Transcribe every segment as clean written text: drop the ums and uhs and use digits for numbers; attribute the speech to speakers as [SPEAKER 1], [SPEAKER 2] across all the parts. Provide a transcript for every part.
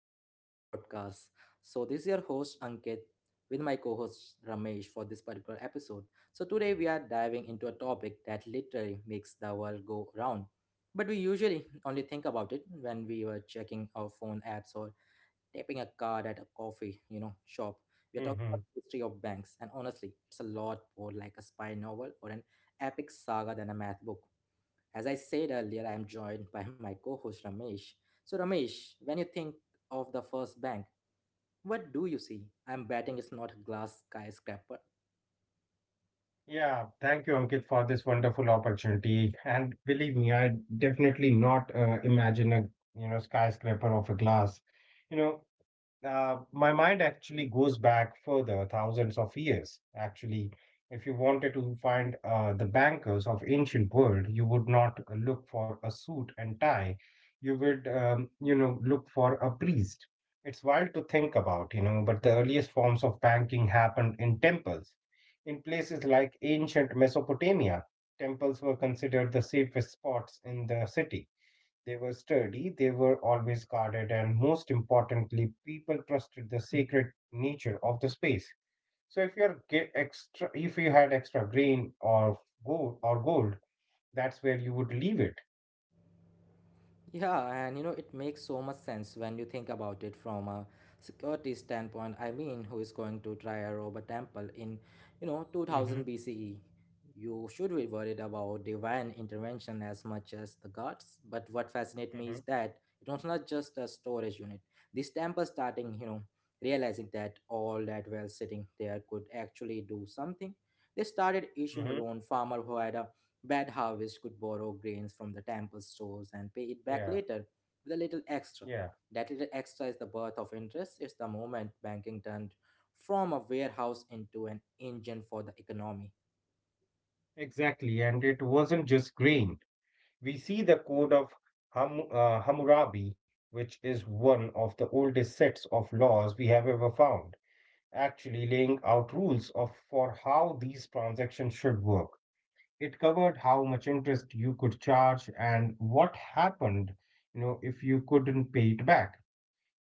[SPEAKER 1] episode of our podcast. So this is your host Ankit with my co-host Ramesh for this particular episode. So today we are diving into a topic that literally makes the world go round. But we usually only think about it when we were checking our phone apps or tapping a card at a coffee, shop. We are talking about
[SPEAKER 2] hmm
[SPEAKER 1] the history of banks and honestly, it's a lot more like a spy novel or an epic saga than a math book. As I said earlier, I am joined by my co host Ramesh. So, Ramesh, when you think of the first bank, what do you see? I'm betting it's not glass skyscraper.
[SPEAKER 2] Yeah, thank you, Ankit, for this wonderful opportunity. And believe me, I definitely not imagine a skyscraper of a glass. You know, my mind actually goes back further, thousands of years. Actually, if you wanted to find the bankers of ancient world, you would not look for a suit and tie. You would, look for a priest. It's wild to think about, you know, but the earliest forms of banking happened in temples. In places like ancient Mesopotamia, temples were considered the safest spots in the city. They were sturdy, they were always guarded, and most importantly, people trusted the sacred nature of the space. So if you're get extra, if you had extra grain or gold, that's where you would leave it.
[SPEAKER 1] Yeah, and you know, it makes so much sense when you think about it from a security standpoint. I mean, who is going to try a rob a temple in, you know,
[SPEAKER 2] Mm-hmm.
[SPEAKER 1] 2000 BCE? You should be worried about divine intervention as much as the gods. But what fascinates me is
[SPEAKER 2] Mm-hmm.
[SPEAKER 1] that it was not just a storage unit. This temple starting, you know, realizing that all that well sitting there could actually do something. They started
[SPEAKER 2] Mm-hmm.
[SPEAKER 1] issuing loan farmer who had a bad harvest could borrow grains from the temple stores and pay it back
[SPEAKER 2] Yeah.
[SPEAKER 1] later with a little extra.
[SPEAKER 2] Yeah.
[SPEAKER 1] That little extra is the birth of interest. It's the moment banking turned from a warehouse into an engine for the economy.
[SPEAKER 2] Exactly. And it wasn't just grain. We see the code of Hammurabi, which is one of the oldest sets of laws we have ever found, actually laying out rules of for how these transactions should work. It covered how much interest you could charge and what happened, you know, if you couldn't pay it back.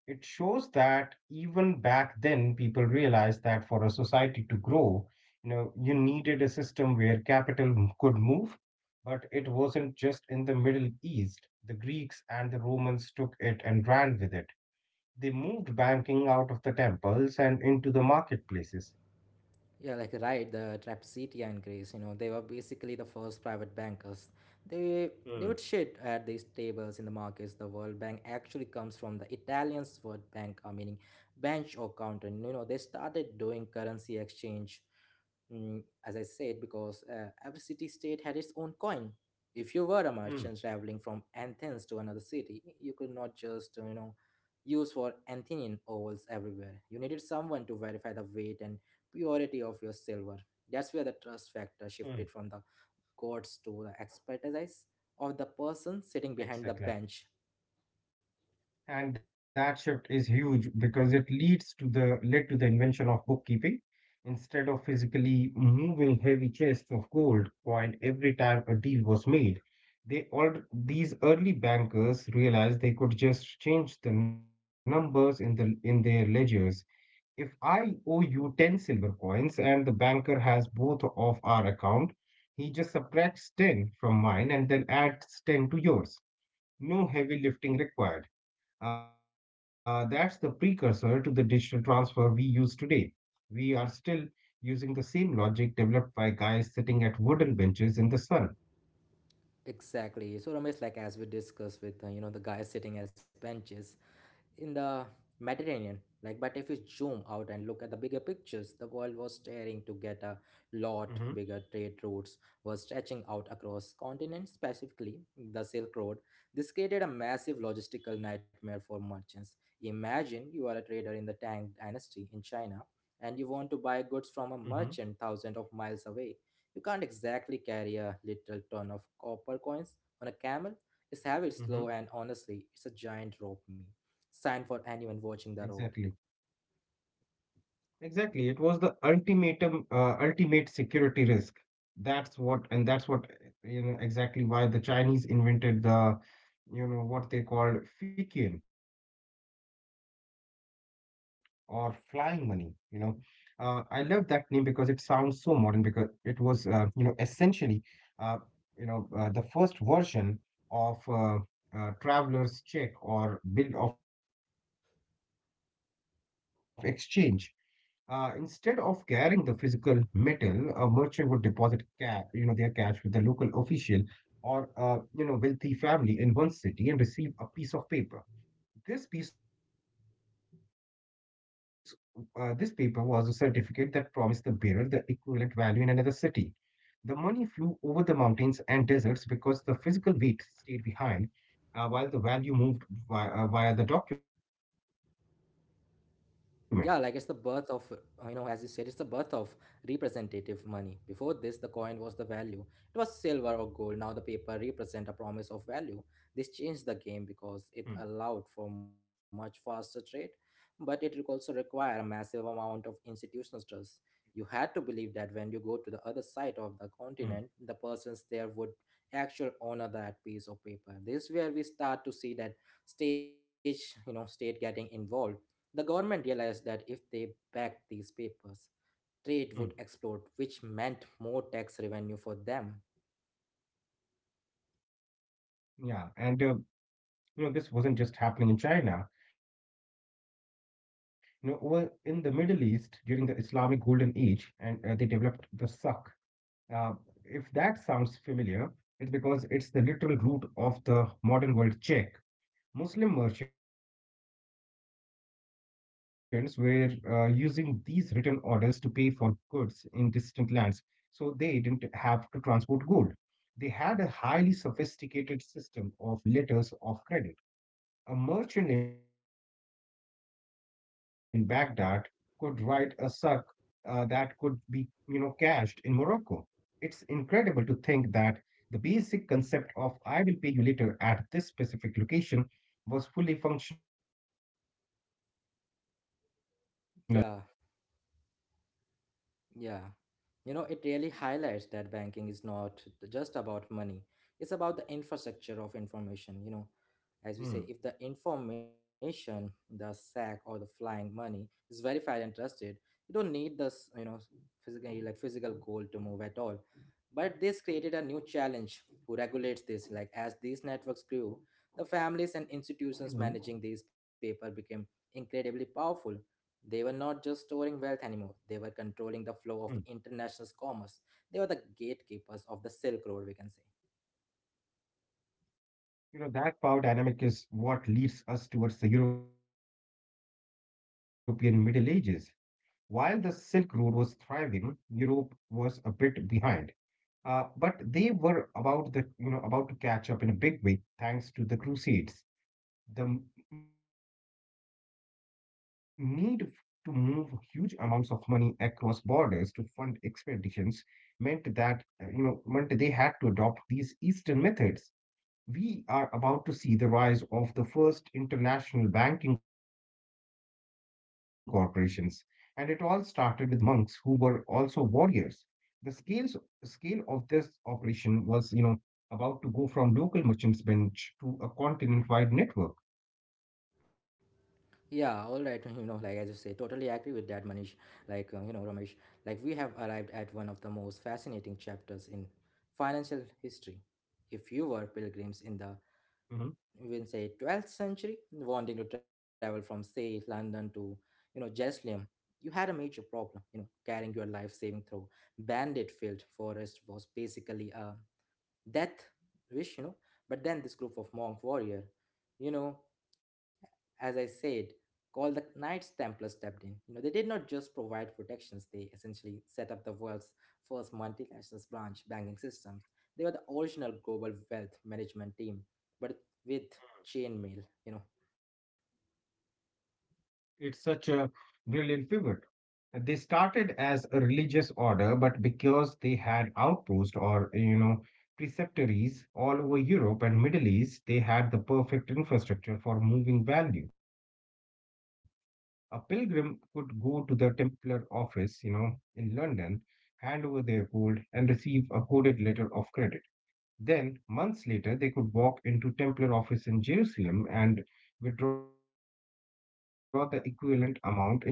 [SPEAKER 2] It shows that even back then people realized that for a society to grow, you know, you needed a system where capital could move, but it wasn't just in the Middle East. The Greeks and the Romans took it and ran with it. They moved banking out of the temples and into the marketplaces.
[SPEAKER 1] Yeah, like right, the Trapezitia and Greece, you know, they were basically the first private bankers. They they
[SPEAKER 2] Mm,
[SPEAKER 1] would shit at these tables in the markets. The World Bank actually comes from the Italian word banca, meaning bench or counter. And, you know, they started doing currency exchange, mm, as I said, because every city state had its own coin. If you were a merchant
[SPEAKER 2] mm,
[SPEAKER 1] traveling from Athens to another city, you could not just, use for Athenian ovals everywhere. You needed someone to verify the weight and purity of your silver. That's where the trust factor
[SPEAKER 2] mm.
[SPEAKER 1] shifted from the courts to the expertise of the person sitting behind the
[SPEAKER 2] Exactly.
[SPEAKER 1] bench.
[SPEAKER 2] And that shift is huge because it leads to the led to the invention of bookkeeping. Instead of physically moving heavy chests of gold coin every time a deal was made, they all these early bankers realized they could just change the numbers in their ledgers. If I owe you 10 silver coins and the banker has both of our account, he just subtracts 10 from mine and then adds 10 to yours. No heavy lifting required. That's the precursor to the digital transfer we use today. We are still using the same logic developed by guys sitting at wooden benches in the sun.
[SPEAKER 1] Exactly. So Ramesh, like as we discussed with you know the guys sitting as benches, in the Mediterranean. Like, but if you zoom out and look at the bigger pictures, the world was staring to get a
[SPEAKER 2] hmm
[SPEAKER 1] lot bigger trade routes were stretching out across continents, specifically the Silk Road. This created a massive logistical nightmare for merchants. Imagine you are a trader in the Tang Dynasty in China and you want to buy goods from a
[SPEAKER 2] hmm
[SPEAKER 1] merchant thousands of miles away. You can't exactly carry a little ton of copper coins on a camel. It's heavy, slow,
[SPEAKER 2] hmm
[SPEAKER 1] and honestly, it's a giant rope sign for anyone watching the road.
[SPEAKER 2] Exactly. Exactly. It was the ultimate security risk. That's what, and that's what, you know, exactly why the Chinese invented the, you know, what they called Fikian or flying money. You know, I love that name because it sounds so modern. Because it was, essentially, uh, the first version of traveler's check or bill of exchange. Instead of carrying the physical metal, a merchant would deposit you know their cash with a local official or a you know wealthy family in one city and receive a piece of paper. This piece, this paper was a certificate that promised the bearer the equivalent value in another city. The money flew over the mountains and deserts because the physical weight stayed behind, while the value moved via the document.
[SPEAKER 1] Yeah, like it's the birth of, you know, as you said, it's the birth of representative money. Before this, the coin was the value. It was silver or gold. Now the paper represent a promise of value. This changed the game because
[SPEAKER 2] Hmm,
[SPEAKER 1] it allowed for much faster trade, but it also require a massive amount of institutional trust. You had to believe that when you go
[SPEAKER 2] hmm.
[SPEAKER 1] to the other side of the continent, the persons there would actually honor that piece of paper. This is where we start to see that stage, you know, state getting involved the government realized that if they
[SPEAKER 2] hmm.
[SPEAKER 1] backed these papers, trade would explode, which meant more tax revenue for them.
[SPEAKER 2] Yeah, and you know, this wasn't just happening in China. You know, over in the Middle East during the Islamic Golden Age, and they developed the suk. Uh, if that sounds familiar, it's because it's the literal root of the modern word check. Muslim merchants were using these written orders to pay for goods in distant lands, so they didn't have to transport gold. They had a highly sophisticated system of letters of credit. A merchant in Baghdad could write a suk that could be, you know, cashed in Morocco. It's incredible to think that the basic concept of I will pay you later at this specific location was fully functional over a thousand years ago.
[SPEAKER 1] Yeah. Yeah. You know, it really highlights that banking is not just about money. It's about the infrastructure of information, you know. As we say, if the
[SPEAKER 2] Hmm.
[SPEAKER 1] information, the sack or the flying money is verified and trusted, you don't need this, you know, physically like physical gold to move at all. But this created a new challenge who regulates this. Like as these networks grew, the families and institutions
[SPEAKER 2] Mhm.
[SPEAKER 1] managing these paper became incredibly powerful. They were not just storing
[SPEAKER 2] Hmm.
[SPEAKER 1] wealth anymore, they were controlling the flow of international commerce. They were the gatekeepers of the Silk Road, we can say.
[SPEAKER 2] You know, that power dynamic is what leads us towards the European Middle Ages. While the Silk Road was thriving, Europe was a bit behind. But they were about the you know about to catch up in a big way thanks to the Crusades. The m- need f- To move huge amounts of money across borders to fund expeditions meant that you know meant they had to adopt these Eastern methods. We are about to see the rise of the first international banking corporations, and it all started with monks who were also warriors. The scale of this operation was, you know, about to go from local merchants' bench to a continent-wide network.
[SPEAKER 1] Yeah, all right, you know, like I just say, totally agree with that, Manish. Like, Ramesh, like we have arrived at one of the most fascinating chapters in financial history. If you were pilgrims in the
[SPEAKER 2] Mhm.
[SPEAKER 1] even say 12th century wanting to travel from say London to you know Jerusalem, you had a major problem, you know, carrying your life saving through bandit filled forest was basically a death wish, you know. But then this group of monk warrior, you know, as I said, called the Knights Templar stepped in. You know, they did not just provide protections, they essentially set up the world's first multinational branch banking systems. They were the original global wealth management team, but with chainmail, you know.
[SPEAKER 2] It's such a brilliant pivot. They started as a religious order, but because they had outposts or, you know, preceptories all over Europe and Middle East, they had the perfect infrastructure for moving value. A pilgrim could go to the Templar office, you know, in London, hand over their gold, and receive a coded letter of credit. Then, months later, they could walk into Templar office in Jerusalem and withdraw the equivalent amount in local currency.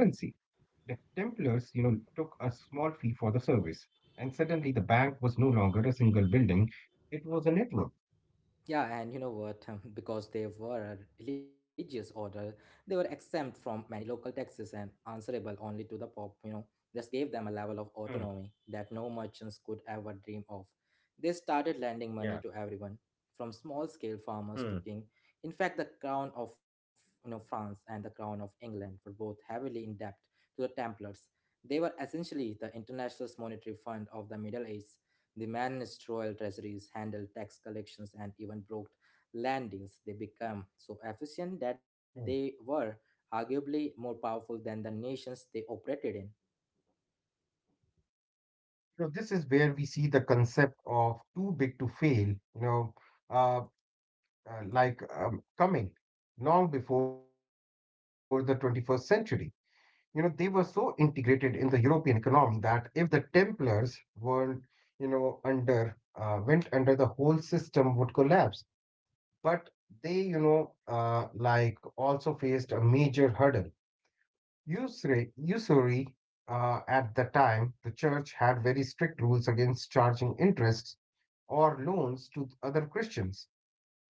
[SPEAKER 2] The Templars, you know, took a small fee for the service, and suddenly the bank was no longer a single building, it was a network.
[SPEAKER 1] Yeah, and you know what? Because they were a religious order, they were exempt from many local taxes and answerable only to the Pope, you know. This gave them a level of
[SPEAKER 2] Hmm.
[SPEAKER 1] autonomy that no merchants could ever dream of. They started lending money to
[SPEAKER 2] Yeah.
[SPEAKER 1] everyone, from small-scale farmers to king.
[SPEAKER 2] Hmm.
[SPEAKER 1] In fact, the crown of you know France and the crown of England were both heavily in debt to the Templars. They were essentially the international monetary fund of the Middle Ages. They managed royal treasuries, handled tax collections, and even brokered land deals. They became so efficient
[SPEAKER 2] Hmm.
[SPEAKER 1] that they were arguably more powerful than the nations they operated in.
[SPEAKER 2] You know, this is where we see the concept of too big to fail, uh, coming long before the 21st century. You know, they were so integrated in the European economy that if the Templars weren't, went under, the whole system would collapse. But they, you know, also faced a major hurdle. Usury, at the time, the church had very strict rules against charging interests or loans to other Christians.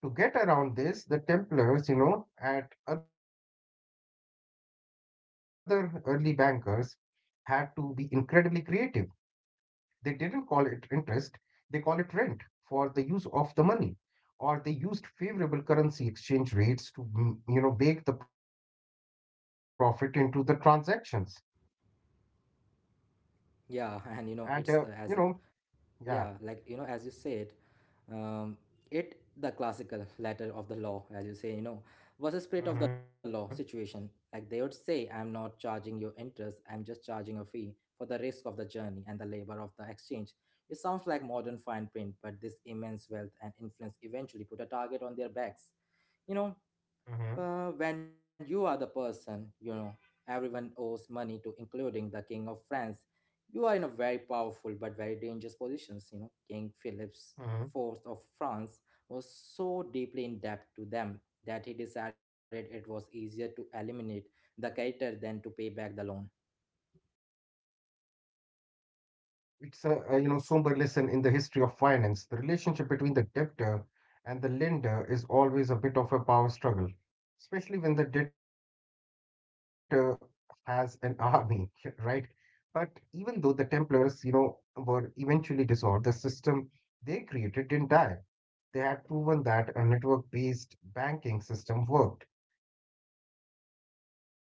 [SPEAKER 2] To get around this, the Templars, you know, and other early bankers had to be incredibly creative. They didn't call it interest, they call it rent for the use of the money, or they used favorable currency exchange rates to you know bake the profit into the transactions
[SPEAKER 1] Yeah, and you know, it's as
[SPEAKER 2] and you
[SPEAKER 1] yeah
[SPEAKER 2] know
[SPEAKER 1] like you know as you
[SPEAKER 2] yeah
[SPEAKER 1] said, um it the classical letter of the law as you say, you know, was a spirit of the law situation, like they would say
[SPEAKER 2] hmm
[SPEAKER 1] I'm not charging your interest, I'm just charging a fee for the risk of the journey and the labor of the exchange. It sounds like modern fine print, but this immense wealth and influence eventually put a target on their backs, you know. When you are the person, you
[SPEAKER 2] hmm
[SPEAKER 1] know, everyone owes money to, including the King of France. You are in a very powerful but very dangerous positions. You know, King Philip's fourth of France was
[SPEAKER 2] hmm
[SPEAKER 1] so deeply in debt to them that he decided it was easier to eliminate the creditor than to pay back the loan.
[SPEAKER 2] It's a you know somber lesson in the history of finance. The relationship between the debtor and the lender is always a bit of a power struggle, especially when the debtor has an army, right? But even though the Templars, you know, were eventually dissolved, the system they created didn't die. They had proven that a network-based banking system worked.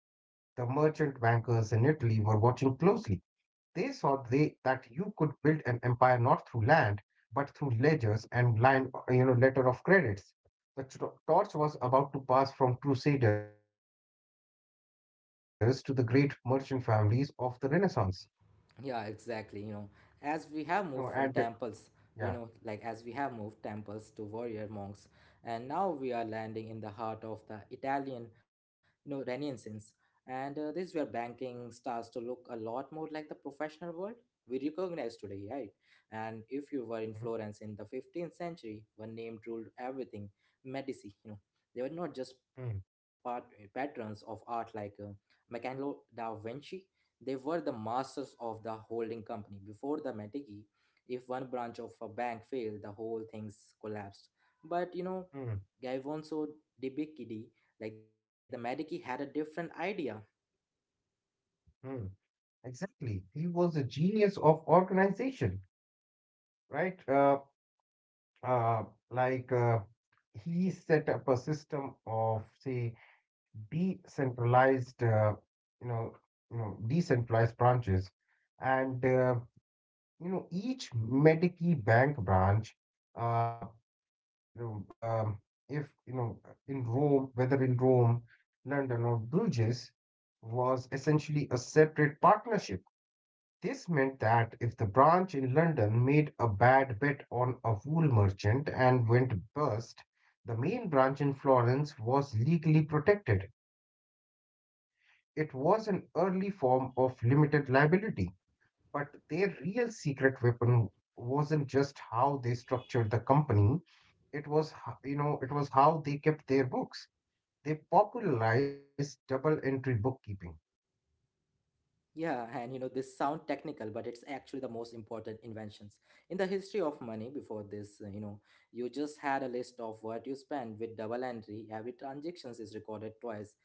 [SPEAKER 2] The merchant bankers in Italy were watching closely. They saw they, that you could build an empire not through land, but through ledgers and you know, letter of credits. The torch was about to pass from crusaders to the great merchant families of the Renaissance.
[SPEAKER 1] Yeah, exactly. You know, as we
[SPEAKER 2] You know,
[SPEAKER 1] have moved
[SPEAKER 2] and
[SPEAKER 1] from temples,
[SPEAKER 2] yeah,
[SPEAKER 1] you know, like as we have moved temples to warrior monks, and now we are landing in the heart of the Italian, you know, Renaissance. And this where banking starts to look a lot more like the professional world we recognize today, right? And if you were in Florence
[SPEAKER 2] Mhm.
[SPEAKER 1] in the 15th century, one name ruled everything, Medici. You know, they were not just part
[SPEAKER 2] Mm,
[SPEAKER 1] patrons of art like Michelangelo da Vinci, they were the masters of the holding company. Before the Mettiki, if one branch of a bank failed, the whole things collapsed. But you know,
[SPEAKER 2] mm,
[SPEAKER 1] Gavonso Dibikidi, like the Mettiki, had a different idea.
[SPEAKER 2] mm. Exactly. He was a genius of organization, right? Uh, like uh, he set up a system of say decentralized you know decentralized branches and you know each Medici bank branch uh, you know if you know in Rome whether in Rome London or Bruges was essentially a separate partnership. This meant that if the branch in London made a bad bet on a wool merchant and went bust, the main branch in Florence was legally protected. It was an early form of limited liability, but their real secret weapon wasn't just how they structured the company, it was you know, it was how they kept their books. They popularized double entry bookkeeping.
[SPEAKER 1] Yeah, and you know, this sound technical, but it's actually the most important inventions in the history of money. Before this, you know, you just had a list of what you spend with double entry. Every transactions is recorded twice,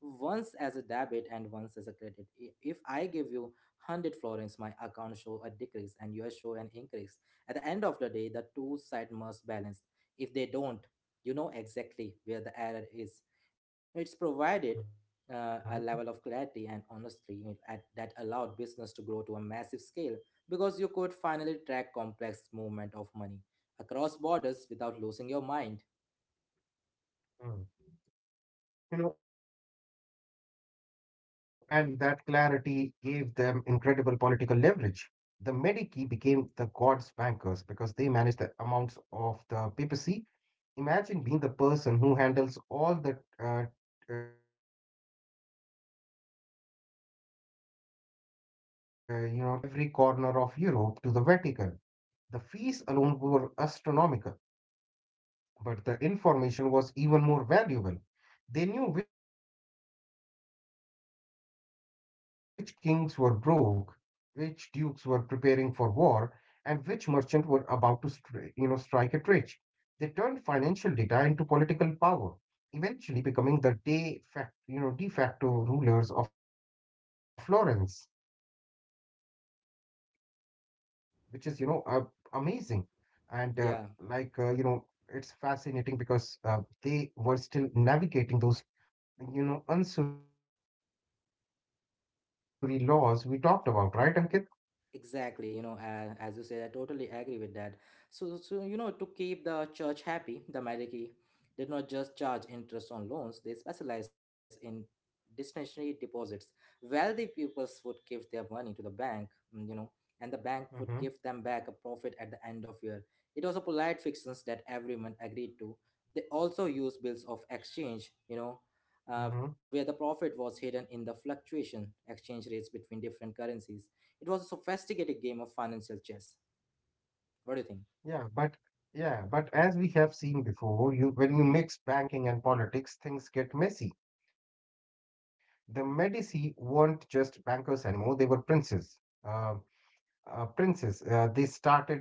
[SPEAKER 1] once as a debit and once as a credit. If I give you 100 florins, my account show a decrease and yours show an increase. At the end of the day, the two side must balance. If they don't, you know exactly where the error is. It's provided a
[SPEAKER 2] Mhm.
[SPEAKER 1] level of clarity and honesty at, that allowed business to grow to a massive scale because you could finally track complex movement of money across borders without losing your mind.
[SPEAKER 2] Mm. You know, and that clarity gave them incredible political leverage. The Medici became the gods' bankers because they managed the amounts of the papacy. Imagine being the person who handles all the, uh, you know, tithes and donations coming in from every corner of Europe to the Vatican. The fees alone were astronomical, but the information was even more valuable. They knew which kings were broke, which dukes were preparing for war, and which merchants were about to you know, strike it rich. They turned financial data into political power, eventually becoming the de facto, you know, de facto rulers of Florence, which is, amazing.
[SPEAKER 1] Yeah.
[SPEAKER 2] And like You know, it's fascinating because they were still navigating those you know unsuri laws we talked about right ankit.
[SPEAKER 1] Exactly, you know, as you said, I totally agree with that. So, you know, to keep the church happy, the Medici did not just charge interest on loans; they specialized in discretionary deposits. Wealthy pupils would give their money to the bank, mm, you know, and the bank would give them back a profit at the end of year.
[SPEAKER 2] mm-hmm,
[SPEAKER 1] It was a polite fixation that everyone agreed to. They also used bills of exchange, you know, where the profit was hidden in the fluctuation
[SPEAKER 2] mm-hmm.
[SPEAKER 1] exchange rates between different currencies. It was a sophisticated game of financial chess. What do you think?
[SPEAKER 2] yeah but yeah, but as we have seen before you when you mix banking and politics things get messy. The medici weren't just bankers anymore, they were princes. uh,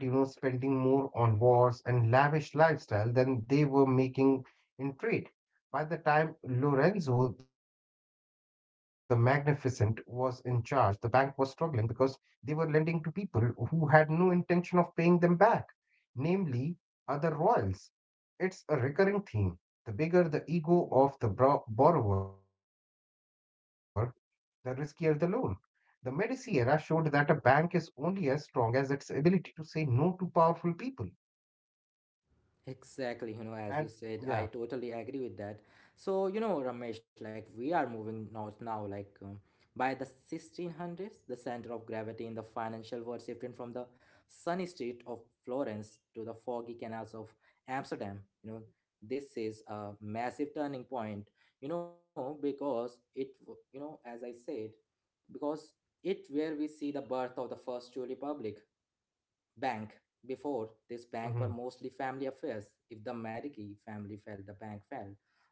[SPEAKER 2] they started, you know, spending more on wars and lavish lifestyle than they were making in trade. By the time Lorenzo the Magnificent was in charge, the bank was struggling because they were lending to people who had no intention of paying them back, namely other royals. It's a recurring theme. The bigger the ego of the borrower, the riskier the loan. The Medici era showed that a bank is only as strong as its ability to say no to powerful people.
[SPEAKER 1] Exactly, you know, as you said, I totally
[SPEAKER 2] And
[SPEAKER 1] agree with
[SPEAKER 2] yeah,
[SPEAKER 1] that. So, you know, Ramesh, like we are moving north now, like by the 1600s, the center of gravity in the financial world shifted from the sunny street of Florence to the foggy canals of Amsterdam. You know, this is a massive turning point, you know, because you know, as I said, because it where we see the birth of the first true republic bank. Before this bank were mostly
[SPEAKER 2] mhm,
[SPEAKER 1] family affairs. If the Marigny family fell, the bank fell.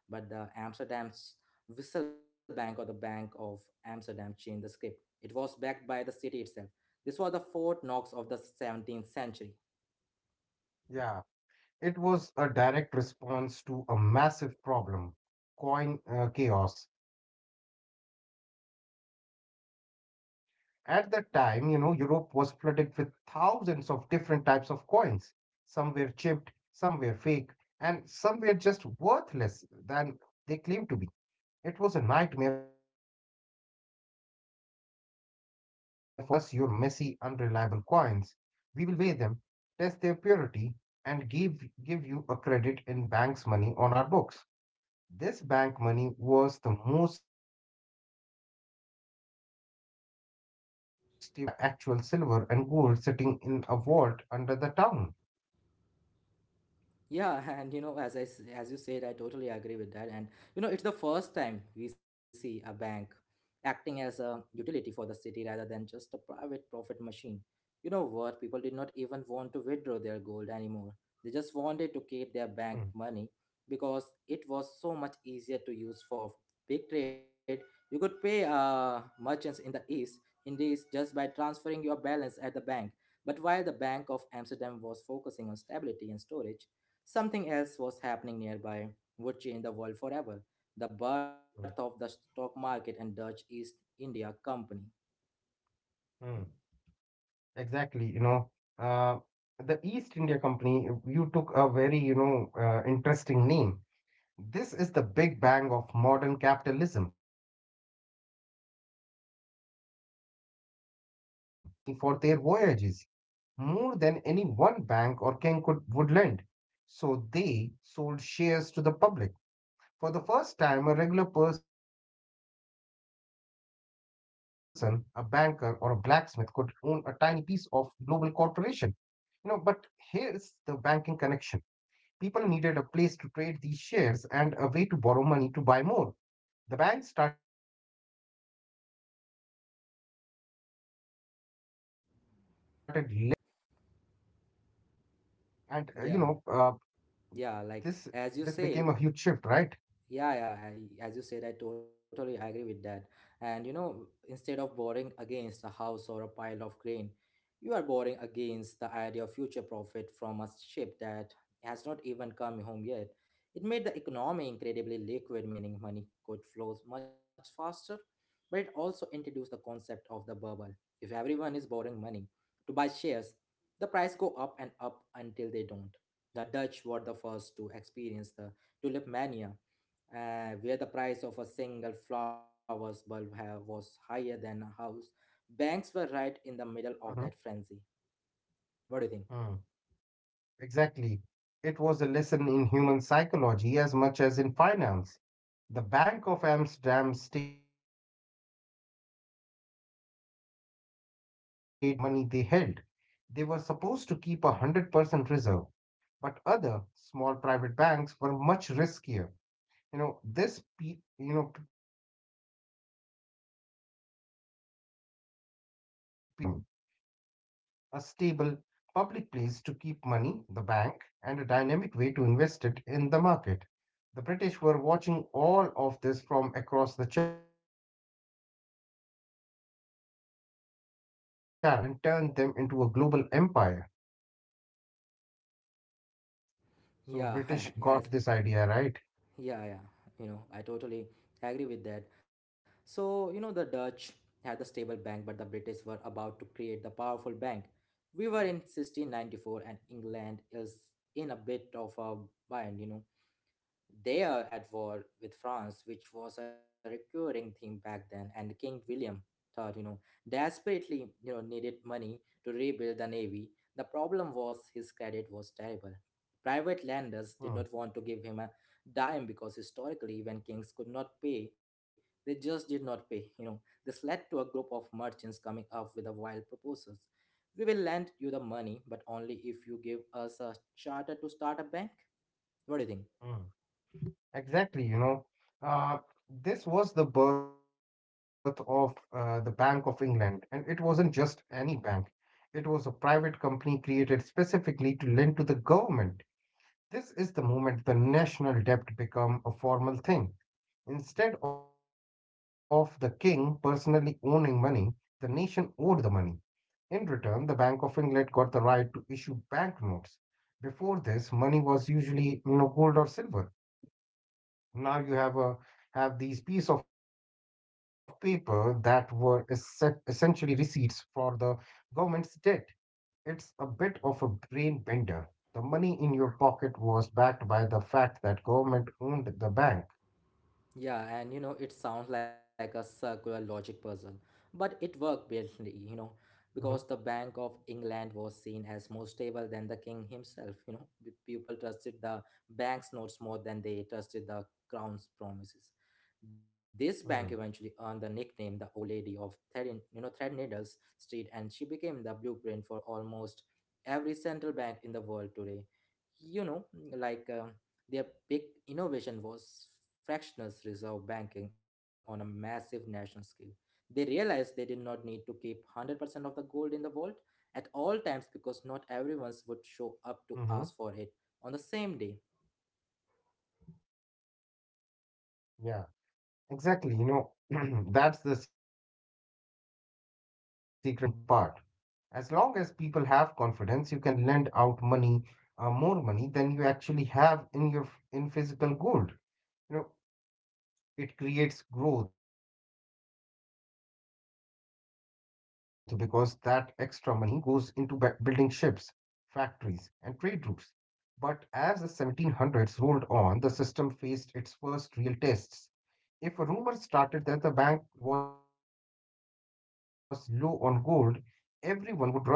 [SPEAKER 1] But the Amsterdam's Whistle Bank or the Bank of Amsterdam changed the script. It was backed by the city itself. This was the Fort Knox of the 17th century.
[SPEAKER 2] yeah, it was a direct response to a massive problem, coin chaos. At that time, you know, Europe was flooded with thousands of different types of coins. Some were chipped, some were fake, and some were just worthless than they claimed to be. It was a nightmare for a merchant. The Bank of Amsterdam said, "Bring us your messy, unreliable coins. We will weigh them, test their purity, and give you a credit in bank's money on our books." This bank money was the most stable currency in the world because everyone knew it was backed by actual silver and gold sitting in a vault under the town.
[SPEAKER 1] Yeah, and you know, as as you said, I totally agree with that. And you know, it's the first time we see a bank acting as a utility for the city rather than just a private profit machine. You know what? People did not even want to withdraw their gold anymore. They just wanted to keep
[SPEAKER 2] Hmm,
[SPEAKER 1] their bank money because it was so much easier to use for big trade. You could pay merchants in the east in this just by transferring your balance at the bank. But while the Bank of Amsterdam was focusing on stability and storage, something else was happening nearby would change the world forever, the birth of the
[SPEAKER 2] hmm,
[SPEAKER 1] stock market and Dutch East India Company.
[SPEAKER 2] hmm. Exactly, you know, uh, the East India Company, you took a very, you know, interesting name. This is the Big Bang of modern capitalism. The Dutch East India Company needed huge amounts of money for their voyages, more than any one bank or king could would lend. So they sold shares to the public. For the first time, a regular person, a banker or a blacksmith, could own a tiny piece of global corporation, you know. But here is the banking connection. People needed a place to trade these shares and a way to borrow money to buy more. The bank started lending money using these shares as a collateral. And you know,
[SPEAKER 1] Yeah,
[SPEAKER 2] this This
[SPEAKER 1] yeah,
[SPEAKER 2] became a
[SPEAKER 1] like
[SPEAKER 2] huge shift,
[SPEAKER 1] as you
[SPEAKER 2] right?
[SPEAKER 1] said, yeah, as you said, I totally agree with that. And you know,
[SPEAKER 2] Mm,
[SPEAKER 1] instead of borrowing against a house or a pile of grain, you are borrowing against the idea of future profit from a ship that has not even come home yet. It made the economy incredibly liquid, meaning money could flow much faster, but it also introduced the concept of the bubble. If everyone is borrowing money to buy shares, the price go up and up until they don't. The Dutch were the first to experience the tulip mania, where the price of a single was higher than a house, banks were right in
[SPEAKER 2] mhm,
[SPEAKER 1] the middle of that frenzy. What do
[SPEAKER 2] mm.
[SPEAKER 1] you think?
[SPEAKER 2] Exactly. It was a lesson in human psychology as much as in finance. The Bank of Amsterdam stayed relatively safe because they weren't allowed to lend out the money they held. They were supposed to keep a 100% reserve, but other small private banks were much riskier. You know, this pe- you know p- period proved that, you know, you need two things for a modern economy: a stable public place to keep money, the bank, and a dynamic way to invest it in the market. The British were watching all of this from across the channel, and they were about to take these Dutch ideas and turn them into a global empire. So
[SPEAKER 1] Yeah,
[SPEAKER 2] British got this
[SPEAKER 1] yes,
[SPEAKER 2] idea, right?
[SPEAKER 1] yeah, yeah. You know, I totally agree with that. So, you know, the Dutch had the stable bank, but the British were about to create the powerful bank. We were in 1694, and England is in a bit of a bind, you know. They are at war with France, which was a recurring theme back then, and King William thought, you know, desperately, you know, needed money to rebuild the navy. The problem was his credit was terrible. Private
[SPEAKER 2] Hmm,
[SPEAKER 1] lenders did not want to give him a dime because historically, when kings could not pay, they just did not pay. You know, this led to a group of merchants coming up with a wild proposals. "We will lend you the money, but only if you give us a charter to start a bank." What do you think?
[SPEAKER 2] hmm. Exactly, you know. Uh, this was the birth of the Bank of England, and it wasn't just any bank. It was a private company created specifically to lend to the government. This is the moment the national debt became a formal thing. Instead of the king personally owning money, the nation owed the money. In return, the Bank of England got the right to issue banknotes. Before this, money was usually, you know, gold or silver. Now you have a have these piece of paper that were essentially receipts for the government's debt. It's a bit of a brain bender. The money in your pocket was backed by the fact that government owned the bank.
[SPEAKER 1] Yeah, and you know, it sounds like a circular logic puzzle, but it worked brilliantly,
[SPEAKER 2] Mm-hmm.
[SPEAKER 1] you know, because the Bank of England was seen as more stable than the king himself. You know, people trusted the bank's notes more than they trusted the crown's promises. This bank eventually earned the nickname the Old Lady of Thread, you know, Thread Street, and she became the blueprint for almost every central bank in the world today. You know, like. Their big innovation was fractional reserve banking on a massive national scale. They realized they did not need to keep 100% of the gold in the vault at all times because not
[SPEAKER 2] Mm-hmm.
[SPEAKER 1] everyone would show up to ask for it on the same day.
[SPEAKER 2] Yeah. Exactly, you know, that's the secret sauce of modern, you know, banking, but also the most nerve-wracking part. As long as people have confidence, you can lend out money, more money than you actually have in your in physical gold. You know, it creates growth because that extra money goes into building ships, factories, and trade routes. But as the 1700s rolled on, the system faced its first real tests. If a rumor started that the bank was low on gold, everyone would run to the bank at once to get their coins.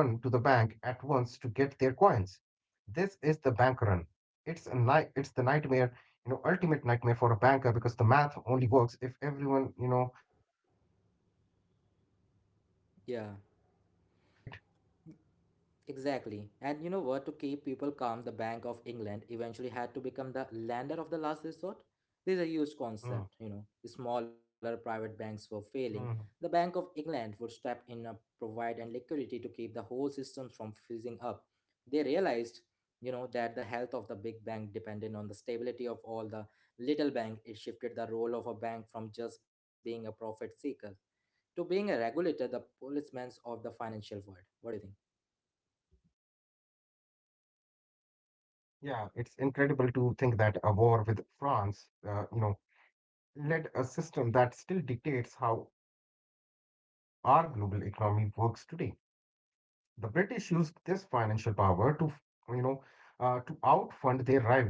[SPEAKER 2] This is the bank run. It's a night. It's the nightmare, you know, ultimate nightmare for a banker because the math only works if everyone, you know, starts claim. You know,
[SPEAKER 1] Yeah.
[SPEAKER 2] everyone starts calm, right?
[SPEAKER 1] Exactly. And you know what? To keep people calm, the Bank of England eventually had to become the lender of the last resort. This is a huge
[SPEAKER 2] Mm,
[SPEAKER 1] concept, you know. Smaller private
[SPEAKER 2] mm.
[SPEAKER 1] banks were failing. The Bank of England would step in, provide and liquidity to keep the whole system from freezing up. They realized, you know, that the health of the big bank depended on the stability of all the little bank. It shifted the role of a bank from just being a profit seeker to being a regulator, the policeman of the financial world. What do you think?
[SPEAKER 2] Yeah, it's incredible to think that a war with France, you know, led a system that still dictates how our global economy works today. The British used this financial power to, you know, to outfund their rivals for the next century.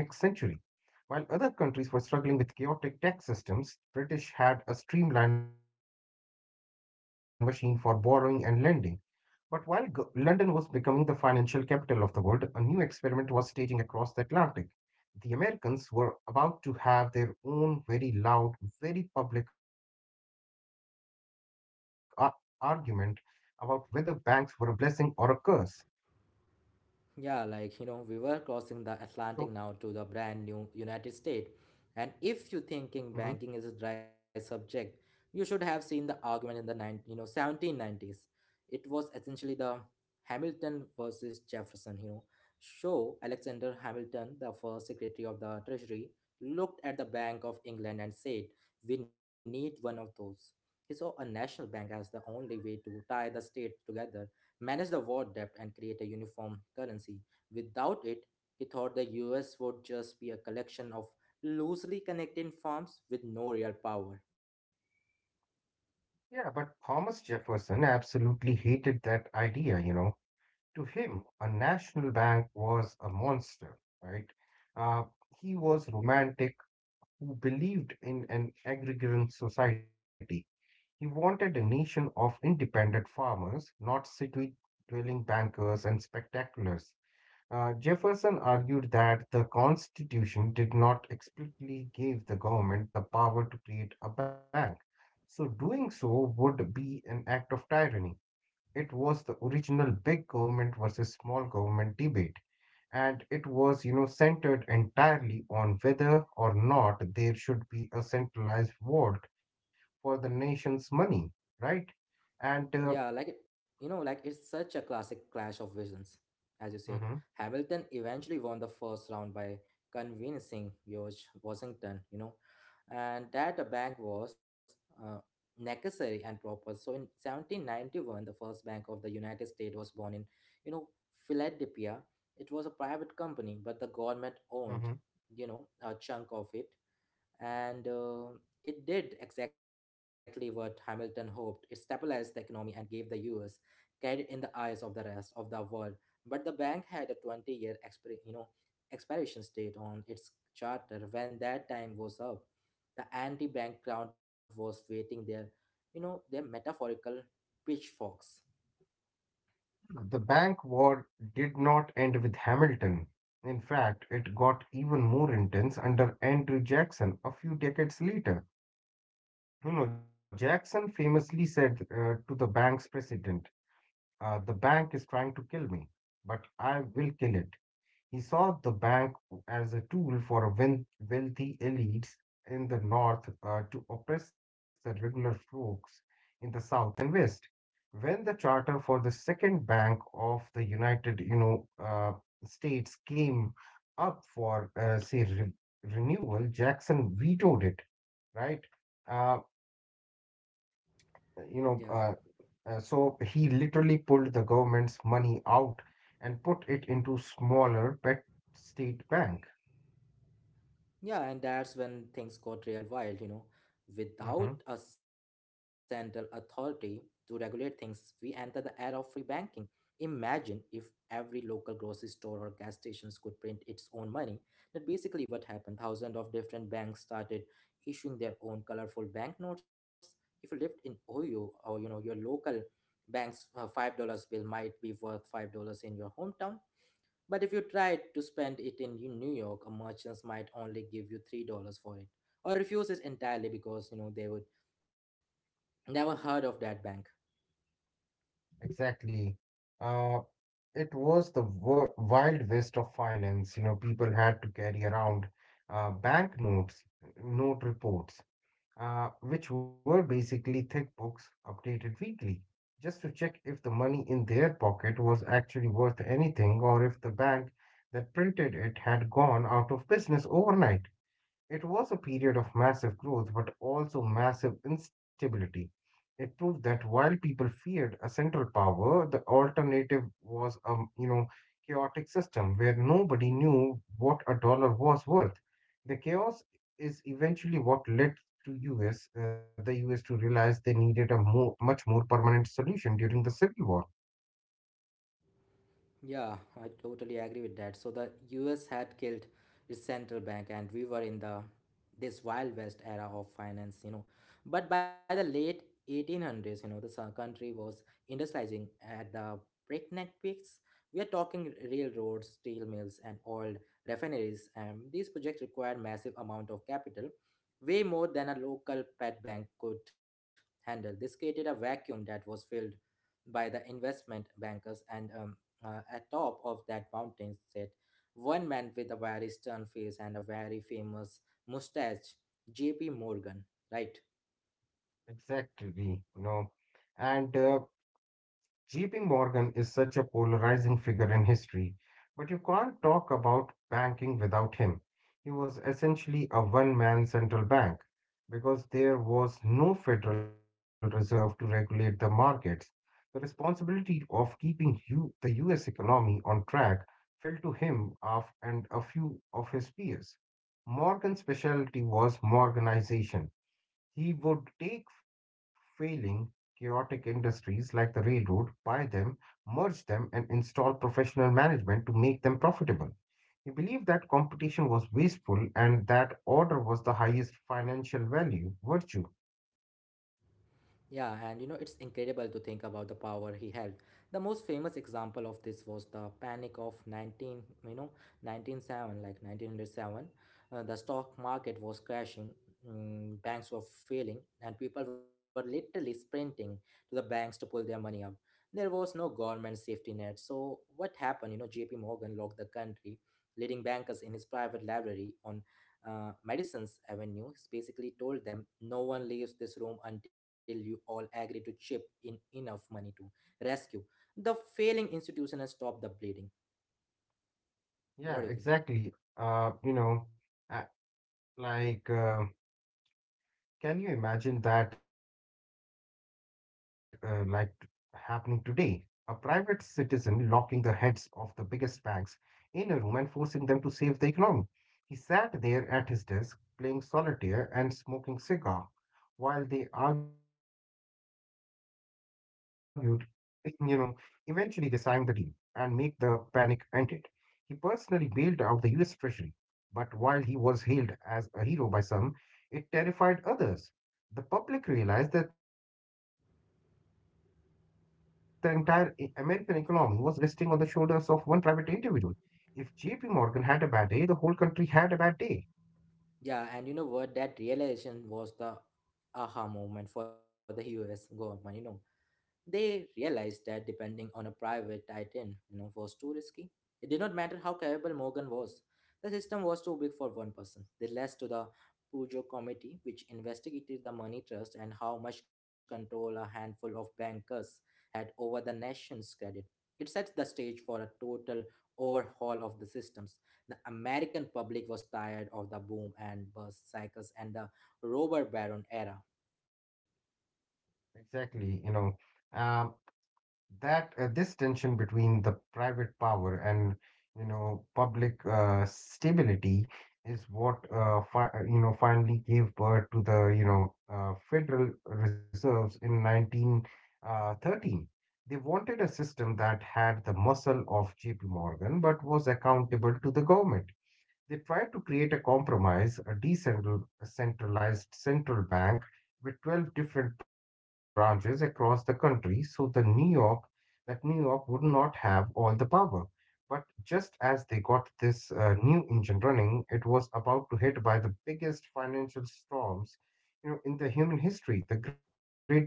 [SPEAKER 2] While other countries were struggling with chaotic tax systems, British had a streamlined machine for borrowing and lending. But while London was becoming the financial capital of the world, a new experiment was staging across the Atlantic. The Americans were about to have their own very loud, very public argument about whether banks were a blessing or a curse.
[SPEAKER 1] Yeah, like you
[SPEAKER 2] So,
[SPEAKER 1] know, we were crossing the Atlantic now to the brand new United States. And if you
[SPEAKER 2] mhm.
[SPEAKER 1] thinking banking is a dry subject, you should have seen the argument in the 1790s. It was essentially the Hamilton versus Jefferson, you know. So Alexander Hamilton, the first secretary of the Treasury, looked at the Bank of England and said, "We need one of those." He saw a national bank as the only way to tie the state together, manage the war debt, and create a uniform currency. Without it, he thought the US would just be a collection of loosely connected firms with no real power.
[SPEAKER 2] Yeah, but Thomas Jefferson absolutely hated that idea, you know. To him, a national bank was a monster, right? Uh, he was romantic who believed in an agrarian society. He wanted a nation of independent farmers, not city dwelling bankers and spectaculars. Jefferson argued that the Constitution did not explicitly give the government the power to create a bank, so doing so would be an act of tyranny. It was the original big government versus small government debate, and it was, you know, centered entirely on whether or not there should be a centralized vault for the nation's money, right? and
[SPEAKER 1] Yeah,
[SPEAKER 2] uh,
[SPEAKER 1] you know, like it's such a classic clash of visions. As you said,
[SPEAKER 2] mhm,
[SPEAKER 1] Hamilton eventually won the first round by convincing George Washington, you know, and that the bank was uh, necessary and proper. So in 1791, the first bank of the United States was born in, you know, Philadelphia. It was a private company, but the government
[SPEAKER 2] mhm.
[SPEAKER 1] owned, you know, a chunk of it. And it did exactly what Hamilton hoped. It stabilized the economy and gave the US credit in the eyes of the rest of the world. But the bank had a 20-year expir- you know, expiration date on its charter. When that time was up, the anti-bank crowd was waiting their, you know, their metaphorical pitchforks.
[SPEAKER 2] the bank war did not end with Hamilton. In fact, it got even more intense under Andrew Jackson a few decades later. You know, Jackson famously said, to the bank's president, "The bank is trying to kill me, but I will kill it." He saw the bank as a tool for wealthy elites in the north, to oppress the regular folks in the south and west. When the charter for the second bank of the United, you know, States came up for, renewal, Jackson vetoed it, right? Uh, you
[SPEAKER 1] Yeah.
[SPEAKER 2] know, uh, so he literally pulled the government's money out and put it into smaller pet state bank.
[SPEAKER 1] Yeah, and that's when things got real wild, you know. Without
[SPEAKER 2] Mm-hmm.
[SPEAKER 1] a central authority to regulate things, we enter the era of free banking. Imagine if every local grocery store or gas stations could print its own money. That basically what happened. Thousands of different banks started issuing their own colorful banknotes. If you lived in Ohio or you know your local bank's $5 bill might be worth $5 in your hometown. But if you tried to spend it in New York, a merchants might only give you $3 for it, or refuse it entirely because you know they would never heard of that bank.
[SPEAKER 2] Exactly. Uh, it was the wild west of finance. You know, people had to carry around banknotes, note reports, which were basically thick books updated weekly, just to check if the money in their pocket was actually worth anything or if the bank that printed it had gone out of business overnight. It was a period of massive growth but also massive instability. It proved that while people feared a central power, the alternative was a, you know, chaotic system where nobody knew what a dollar was worth. The chaos is eventually what led to US to realize they needed a more much more permanent solution during the Civil War.
[SPEAKER 1] Yeah, I totally agree with that. So the US had killed its central bank and we were in the this wild west era of finance, you know. But by the late 1800s, you know, the country was industrializing at the breakneck pace. We are talking railroads, steel mills and oil refineries and these projects require massive amount of capital, way more than a local pet bank could handle. This created a vacuum that was filled by the investment bankers, and at top of that mountain sat one man with a very stern face and a very famous mustache, J.P. Morgan, right?
[SPEAKER 2] Exactly, you know, and JP Morgan is such a polarizing figure in history, but you can't talk about banking without him. He was essentially a one man central bank because there was no Federal Reserve to regulate the markets. The responsibility of keeping the US economy on track fell to him and a few of his peers. Morgan's specialty was Morganization. He would take failing, chaotic industries like the railroad, buy them, merge them, and install professional management to make them profitable. He believed that competition was wasteful and that order was the highest financial value, virtue.
[SPEAKER 1] Yeah, and you know, it's incredible to think about the power he held. The most famous example of this was the panic of 19, you know, 197, like 1907. The stock market was crashing, mm, banks were failing, and people were literally sprinting to the banks to pull their money out. There was no government safety net. So, what happened? You know, JP Morgan locked the country, leading bankers in his private library on Madison's Avenue basically told them no one leaves this room until you all agree to chip in enough money to rescue the failing institution and stop the bleeding.
[SPEAKER 2] Yeah,
[SPEAKER 1] What do you think?
[SPEAKER 2] exactly. Uh, like, uh, can you imagine that, happening today? A private citizen locking the heads of the biggest banks in a room and forcing them to save the economy. He sat there at his desk playing solitaire and smoking cigar while they argued, you know, eventually they signed the deal and make the panic ended. He personally bailed out the US Treasury, but while he was hailed as a hero by some, it terrified others. The public realized that the entire American economy was resting on the shoulders of one private individual. If JP Morgan had a bad day, the whole country had a bad day.
[SPEAKER 1] Yeah, and you know what? That realization was the aha moment for the US government, you know. They realized that depending on a private titan, you know, was too risky. It did not matter how capable Morgan was. The system was too big for one person. They led to the Pujo Committee, which investigated the money trust and how much control a handful of bankers had over the nation's credit. It set the stage for a total overhaul of the systems. The American public was tired of the boom and bust cycles and the robber baron era.
[SPEAKER 2] Exactly, you know, um, that this tension between the private power and, you know, public stability is what fi you know, finally gave birth to the, you know, Federal Reserves in 1913. They wanted a system that had the muscle of J.P. Morgan but was accountable to the government. They tried to create a compromise, a decentralized central bank with 12 different branches across the country, so the New York that New York would not have all the power. But just as they got this new engine running, it was about to hit by the biggest financial storms, you know, in the human history, the Great Depression.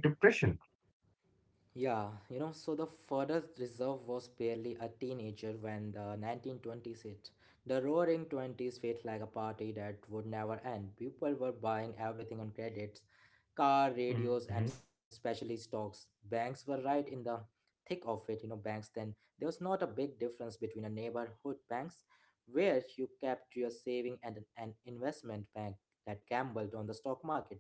[SPEAKER 1] Yeah, you know, so the Federal Reserve was barely a teenager when the 1920s hit. The roaring 20s felt like a party that would never end. People were buying everything on credits car,
[SPEAKER 2] Mm-hmm.
[SPEAKER 1] radios, and especially stocks. Banks were right in the thick of it, you know, banks then. There was not a big difference between a neighborhood banks where you kept your saving and an investment bank that gambled on the stock market.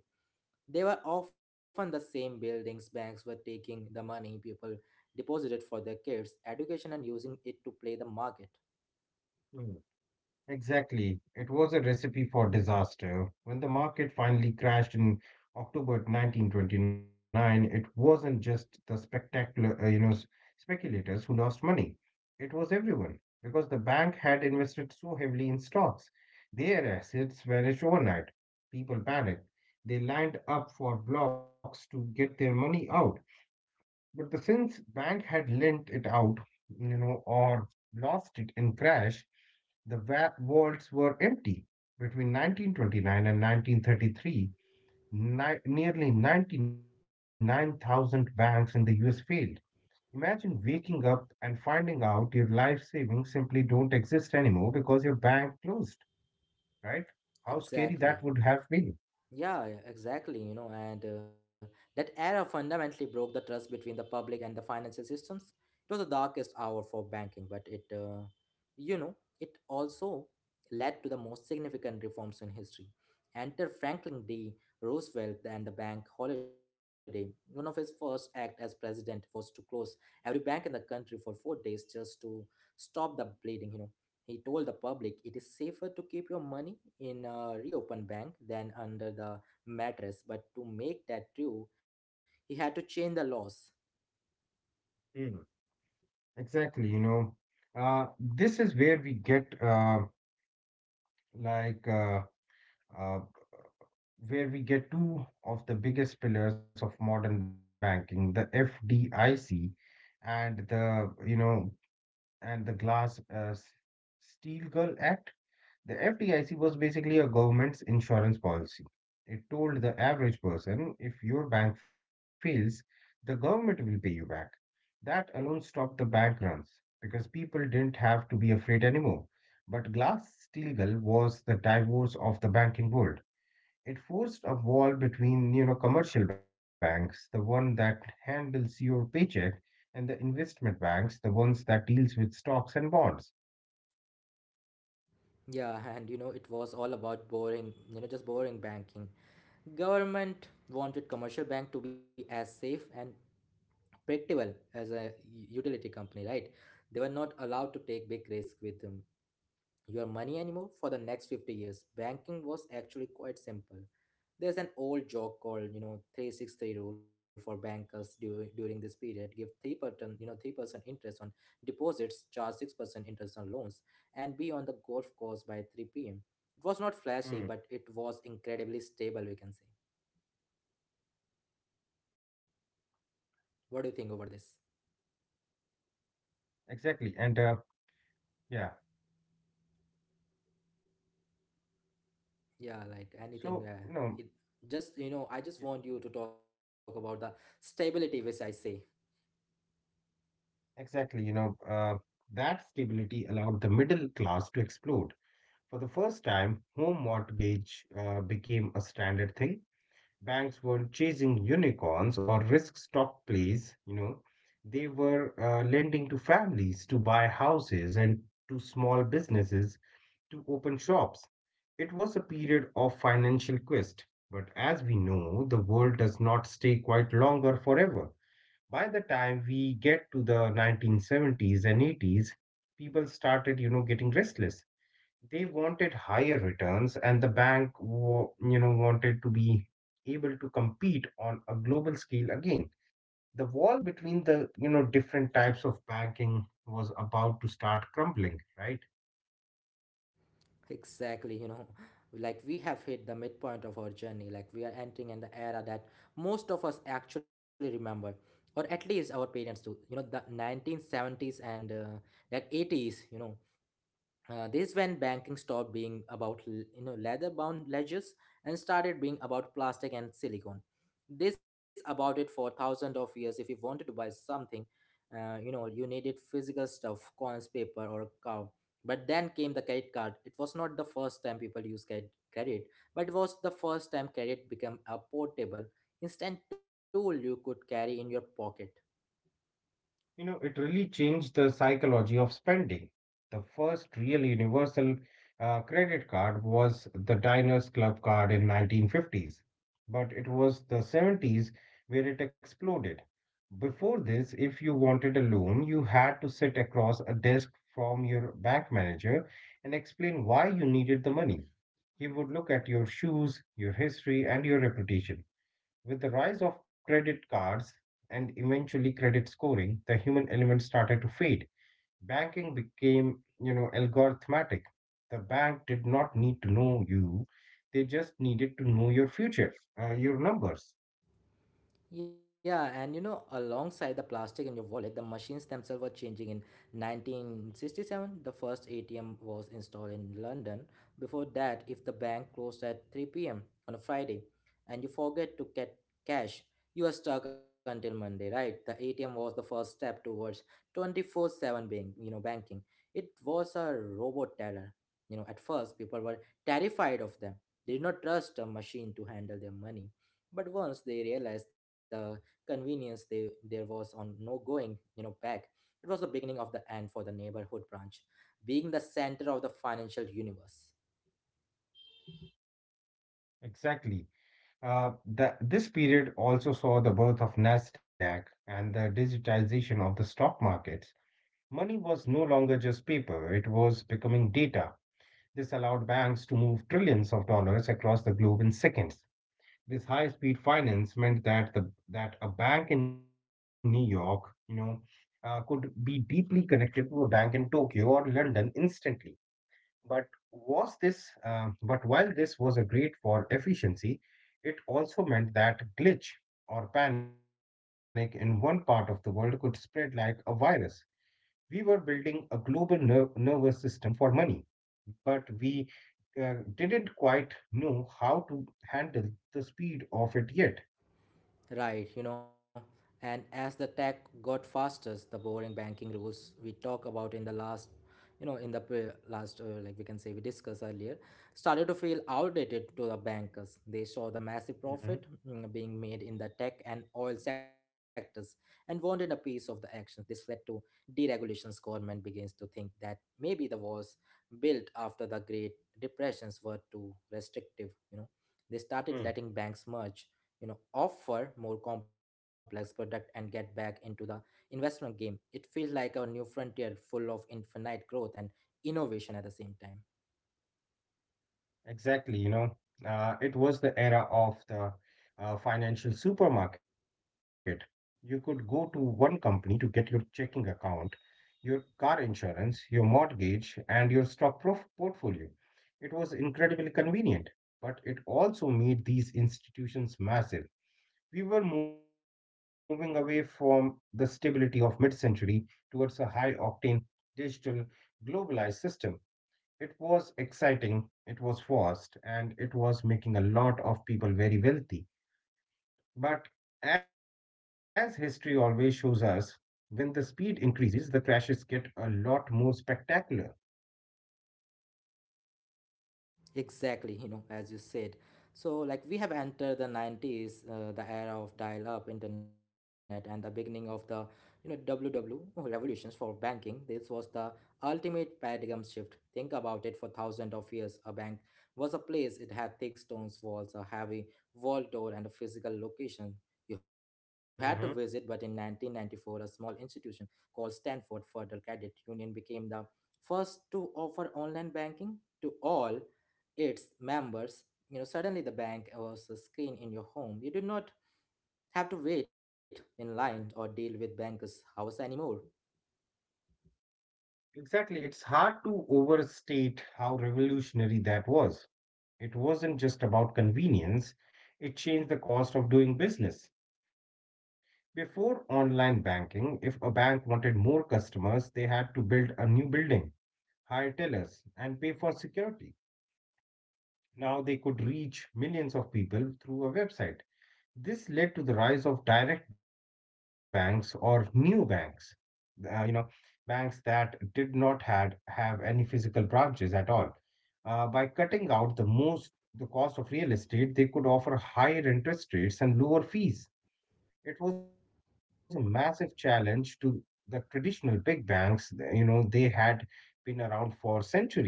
[SPEAKER 1] They were often the same buildings banks were taking the money people deposited for their kids' education and using it to play the market.
[SPEAKER 2] Exactly. It was a recipe for disaster. When the market finally crashed in October 1929, it wasn't just the spectacular, speculators who lost money. It was everyone because the bank had invested so heavily in stocks. Their assets vanished overnight. People panicked. They lined up for blocks to get their money out. But the since bank had lent it out, you know, or lost it in crash, the vaults were empty. Between 1929 and 1933, nearly 99,000 banks in the US failed. Imagine waking up and finding out your life savings simply don't exist anymore because your bank closed, right? How scary that would
[SPEAKER 1] Exactly.
[SPEAKER 2] have been.
[SPEAKER 1] Yeah, yeah, exactly. You know, and that era fundamentally broke the trust between the public and the financial systems. It was the darkest hour for banking, but you know, it also led to the most significant reforms in history. Enter Franklin D. Roosevelt and the bank holiday. One of his first acts as president was to close every bank in the country for 4 days just to stop the bleeding. He told the public it is safer to keep your money in a reopened bank than under the mattress, but to make that true, he had to change the laws.
[SPEAKER 2] Mm. Exactly, you know, this is where we get like uh, uh, where we get two of the biggest pillars of modern banking, the FDIC and the Glass Steagall Girl Act. The FDIC was basically a government's insurance policy. It told the average person if your bank fails, the government will pay you back. That alone stopped the bank runs because people didn't have to be afraid anymore. But Glass Steagall was the divorce of the banking world. It forced a wall between, you know, commercial banks, the one that handles your paycheck, and the investment banks, the ones that deals with stocks and bonds.
[SPEAKER 1] Yeah, and it was all about boring, just boring banking. Government wanted commercial bank to be as safe and predictable as a utility company, right? They were not allowed to take big risk with them your money anymore for the next 50 years. Banking was actually quite simple. There's an old joke called, 363 rule for bankers during this period. Give 3%, 3% interest on deposits, charge 6% interest on loans, and be on the golf course by 3 p.m. It was not flashy,
[SPEAKER 2] Hmm.
[SPEAKER 1] but it was incredibly stable, we can say.
[SPEAKER 2] Yeah,
[SPEAKER 1] What do you think over this?
[SPEAKER 2] exactly. And yeah, so, you
[SPEAKER 1] Yeah,
[SPEAKER 2] know,
[SPEAKER 1] like anything. It
[SPEAKER 2] y-
[SPEAKER 1] just, you know, I just want you to talk about the stability, which I say.
[SPEAKER 2] exactly, you know, That stability allowed the middle class to explode. For the first time, home mortgage became a standard thing. Banks were chasing unicorns or risk stock plays, you know, they were lending to families to buy houses and to small businesses to open shops. It was a period of financial quest, but as we know, the world does not stay quite longer forever. By the time we get to the 1970s and 80s, people started, getting restless. They wanted higher returns and the bank wanted to be able to compete on a global scale again. The wall between the, different types of banking was about to start crumbling, right?
[SPEAKER 1] Exactly, like we have hit the midpoint of our journey. Like we are entering in the era that most of us actually remember, or at least our parents do. You know, the 1970s and that 80s, this when banking stopped being about you know leather bound ledgers and started being about plastic and silicone. This about it for thousands of years. If you wanted to buy something, you know you needed physical stuff, coins, paper, or a cow. But then came the credit card. It was not the first time people used credit, but it was the first time credit became a portable, instant tool you could carry in your pocket.
[SPEAKER 2] You know, it really changed the psychology of spending. The first real universal credit card was the Diners Club card in 1950s, but it was the 70s where it exploded. Before this, if you wanted a loan, you had to sit across a desk from your bank manager and explain why you needed the money. He would look at your shoes, your history, and your reputation. With the rise of credit cards and eventually credit scoring, the human element started to fade. Banking became, you know, algorithmic. The bank did not need to know you. They just needed to know your future, your numbers.
[SPEAKER 1] Yeah, and you know, alongside the plastic in your wallet, the machines themselves were changing. In 1967, the first ATM was installed in London. Before that, if the bank closed at 3 p.m. on a Friday and you forget to get cash, you are stuck until Monday, right? The ATM was the first step towards 24/7 being, banking. It was a robot teller. You know, at first people were terrified of them. They did not trust a machine to handle their money. But once they realized the convenience there was on no going you know back, it was the beginning of the end for the neighborhood branch being the center of the financial universe.
[SPEAKER 2] Exactly. This period also saw the birth of Nasdaq and the digitization of the stock markets. Money was no longer just paper, it was becoming data. This allowed banks to move trillions of dollars across the globe in seconds. This high-speed finance meant that the that a bank in New York, you know, could be deeply connected to a bank in Tokyo or London instantly. But was this? But while this was a great for efficiency, it also meant that glitch or panic in one part of the world could spread like a virus. We were building a global nervous system for money, but we didn't quite know how to handle the speed of it yet.
[SPEAKER 1] Right, you know, and as the tech got faster, the boring banking rules we talk about in the last, you know, in the last, like we can say we discussed earlier, started to feel outdated to the bankers. They saw the massive
[SPEAKER 2] Mhm.
[SPEAKER 1] profit being made in the tech and oil sectors and wanted a piece of the action. This led to deregulations. Government begins to think that maybe the walls built after the Great Depressions were too restrictive, you know. They
[SPEAKER 2] Hmm.
[SPEAKER 1] started letting banks merge, you know, offer more complex product and get back into the investment game. It feels like a new frontier full of infinite growth and innovation at the same time.
[SPEAKER 2] Exactly, it was the era of the financial supermarket. You could go to one company to get your checking account, your car insurance, your mortgage, and your portfolio. It was incredibly convenient, but it also made these institutions massive. We were moving away from the stability of mid century towards a high octane, digital, globalized system. It was exciting, it was fast, and it was making a lot of people very wealthy. But as history always shows us, when the speed increases, the crashes get a lot more spectacular.
[SPEAKER 1] Exactly, as you said. So, like, we have entered the 90s, the era of dial up internet and the beginning of the, W W oh, revolutions for banking. This was the ultimate paradigm shift. Think about it for thousands of years. A bank was a place, it had thick stones walls, a heavy vault door, and a physical location you had to visit. But in
[SPEAKER 2] Hmm.
[SPEAKER 1] 1994, a small institution called Stanford Federal Credit Union became the first to offer online banking to all its members. You know, suddenly the bank was a screen in your home. You do not have to wait in line or deal with bankers' hours anymore.
[SPEAKER 2] Exactly. It's hard to overstate how revolutionary that was. It wasn't just about convenience, it changed the cost of doing business. Before online banking, if a bank wanted more customers, they had to build a new building, hire tellers, and pay for security. Now they could reach millions of people through a website. This led to the rise of direct banks or new banks, uh, you know, banks that did not have any physical branches at all. By cutting out the most the cost of real estate, they could offer higher interest rates and lower fees. It was a massive challenge to the traditional big banks. You know, they had been around for centuries, right?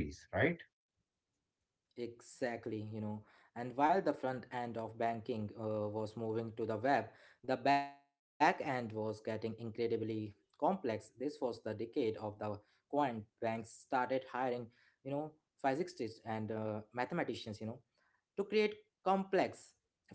[SPEAKER 1] Exactly, you know. And while the front end of banking was moving to the web, the back end was getting incredibly complex. This was the decade of the quant. Banks started hiring, you know, physicists and mathematicians, you know, to create complex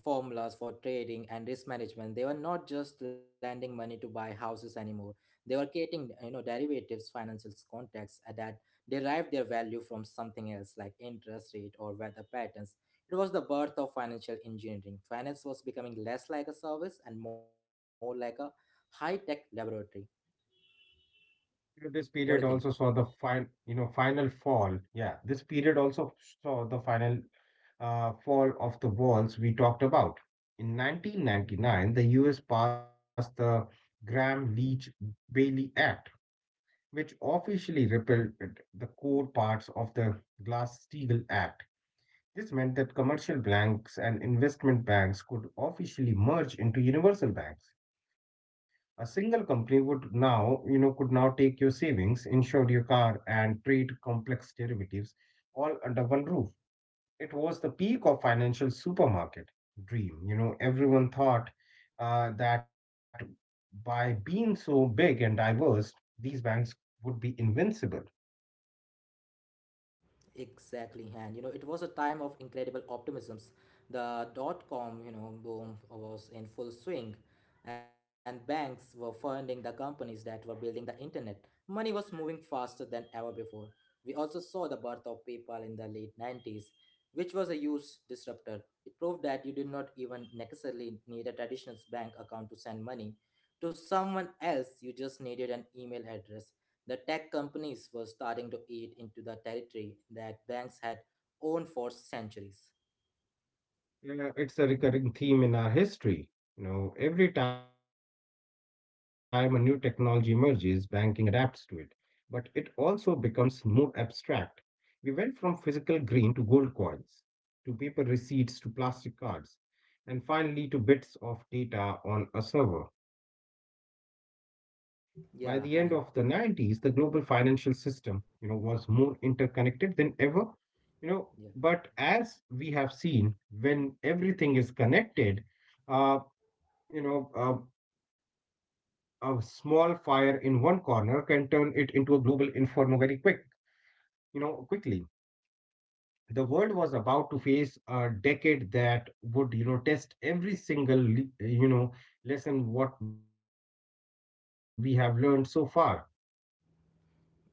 [SPEAKER 1] formulas for trading and risk management. They were not just lending money to buy houses anymore, they were creating, you know, derivatives, financial contracts that derived their value from something else like interest rate or weather patterns. It was the birth of financial engineering. Finance was becoming less like a service and more like a high tech laboratory.
[SPEAKER 2] This period
[SPEAKER 1] What do you
[SPEAKER 2] also
[SPEAKER 1] think?
[SPEAKER 2] saw the final, final fall. Yeah, this period also saw the final fall of the walls we talked about. In 1999, the US passed the Graham-Leach-Bailey Act, which officially repealed the core parts of the Glass-Steagall Act. This meant that commercial banks and investment banks could officially merge into universal banks. A single company would now, you know, could now take your savings, insure your car, and trade complex derivatives all under one roof. It was the peak of financial supermarket dream. You know, everyone thought that by being so big and diverse, these banks would be invincible.
[SPEAKER 1] Exactly, and you know, it was a time of incredible optimisms. dot-com, boom was in full swing, and banks were funding the companies that were building the internet. Money was moving faster than ever before. We also saw the birth of PayPal in the late 90s, which was a huge disruptor. It proved that you did not even necessarily need a traditional bank account to send money to someone else, you just needed an email address. The tech companies were starting to eat into the territory that banks had owned for centuries.
[SPEAKER 2] You know, it's a recurring theme in our history. You know, every time a new technology emerges, banking adapts to it, but it also becomes more abstract. We went from physical green to gold coins, to paper receipts to plastic cards, and finally to bits of data on a server. By the end of the 90s, the
[SPEAKER 1] Yeah,
[SPEAKER 2] global financial system, was more interconnected than ever, you know, but
[SPEAKER 1] yeah.
[SPEAKER 2] as we have seen, when everything is connected, uh, a small fire in one corner can turn it into a global inferno very quickly. The world was about to face a decade that would, test every single lesson what we have learned so far.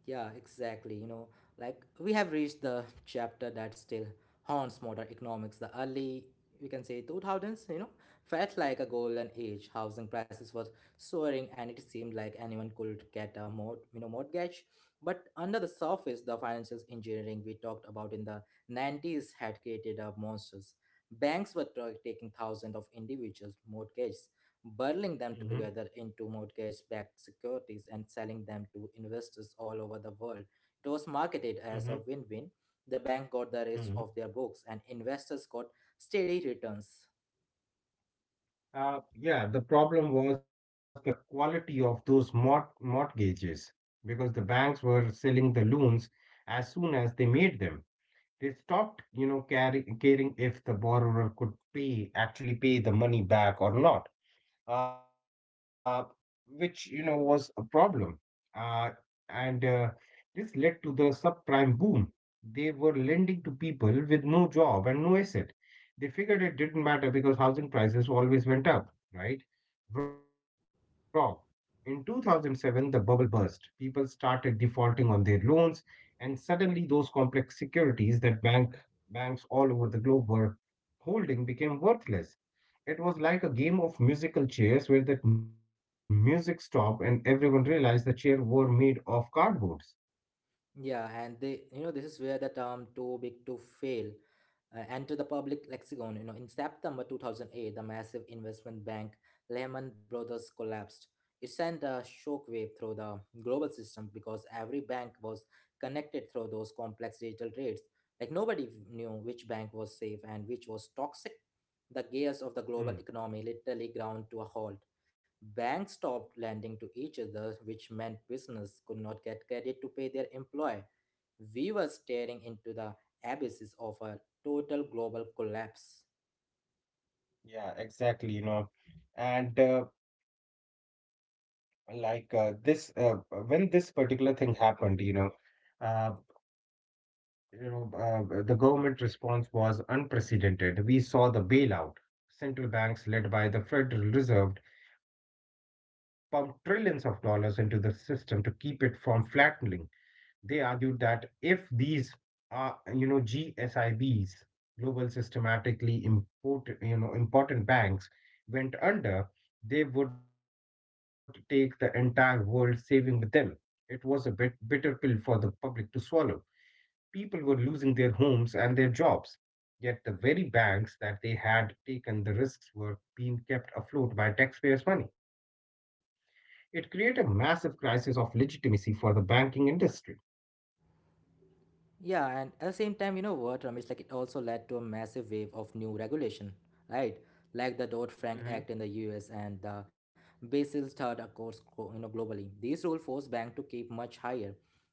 [SPEAKER 1] Yeah, exactly. You know, like we have reached the chapter that still haunts modern economics. The early, we can say 2000s, you know, felt like a golden age. Housing prices was soaring and it seemed like anyone could get a you know, mortgage. But under the surface, the financial engineering we talked about in the 90s had created a monsters. Banks were taking thousands of individuals' mortgages, bundling them
[SPEAKER 2] Mm-hmm.
[SPEAKER 1] together into mortgage backed securities and selling them to investors all over the world. It was marketed
[SPEAKER 2] Mm-hmm.
[SPEAKER 1] as a win win. The bank got the
[SPEAKER 2] Mm-hmm.
[SPEAKER 1] risk of their books, and investors got steady returns.
[SPEAKER 2] Yeah, the problem was the quality of those mortgages because the banks were selling the loans as soon as they made them. They stopped, you know, caring if the borrower could pay actually pay the money back or not, uh, which was a problem. Uh, and This led to the subprime boom. They were lending to people with no job and no asset. They figured it didn't matter because housing prices always went up, right? Wrong. In 2007, the bubble burst. People started defaulting on their loans, and suddenly those complex securities that banks all over the globe were holding became worthless. It was like a game of musical chairs where the music stopped and everyone realized the chair were made of cardboards.
[SPEAKER 1] Yeah, and you know, this is where the term too big to fail entered the public lexicon. You know, in September 2008, the massive investment bank Lehman Brothers collapsed. It sent a shockwave through the global system because every bank was connected through those complex digital trades. Like nobody knew which bank was safe and which was toxic. The gears of the global
[SPEAKER 2] Hmm.
[SPEAKER 1] economy literally ground to a halt. Banks stopped lending to each other, which meant business could not get credit to pay their employee. We were staring into the abysses of a total global collapse.
[SPEAKER 2] Yeah, exactly, you know. And uh, when this particular thing happened, uh, the government response was unprecedented. We saw the bailout. Central banks, led by the Federal Reserve, pumped trillions of dollars into the system to keep it from flattening. They argued that if these are, GSI Bs, global systematically important banks, went under, they would take the entire world saving with them. It was a bitter pill for the public to swallow. People were losing their homes and their jobs. Yet the very banks that they had taken the risks were being kept afloat by taxpayers' money. It created a massive crisis of legitimacy for the banking industry.
[SPEAKER 1] Yeah, and at the same time, you know what, Ramesh, like it also led to a massive wave of new regulation, right? Like the Dodd-Frank Act in the US and the Basel Third, Accords, you know, globally. These rules forced banks to keep much higher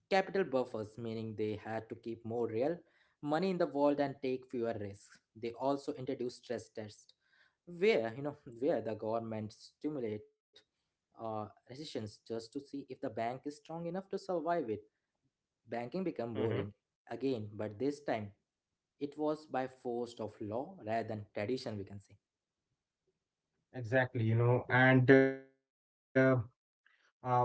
[SPEAKER 1] capital buffers, meaning they had to keep more real money in the vault and take fewer risks. They also introduced stress tests, where you know where the government stimulate recessions just to see if the bank is strong enough to survive it. Banking became
[SPEAKER 2] Mm-hmm.
[SPEAKER 1] boring again, but this time it was by force of law rather than tradition, we can say.
[SPEAKER 2] Exactly, you know, and uh,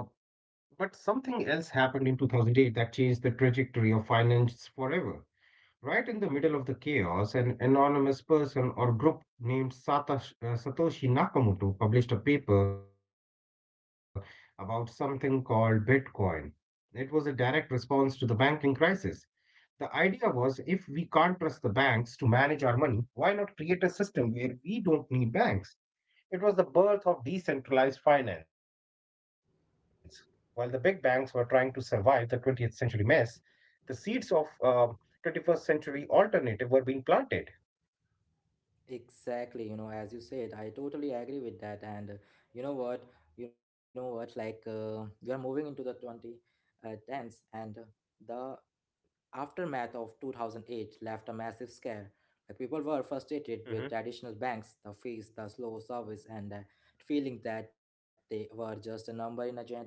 [SPEAKER 2] but something else happened in 2008 that changed the trajectory of finance forever. Right in the middle of the chaos, an anonymous person or group named Satoshi Nakamoto published a paper about something called Bitcoin. It was a direct response to the banking crisis. The idea was, if we can't trust the banks to manage our money, why not create a system where we don't need banks? It was the birth of decentralized finance. While the big banks were trying to survive the 20th century mess, the seeds of 21st century alternative were being planted.
[SPEAKER 1] Exactly, you know, as you said, I totally agree with that. And you know what? You know what? Like, we are moving into the 20, tens, and the aftermath of 2008 left a massive scare. Like people were
[SPEAKER 2] Hmm.
[SPEAKER 1] frustrated with traditional banks, the fees, the slow service, and the feeling that they were just a number in a giant machine.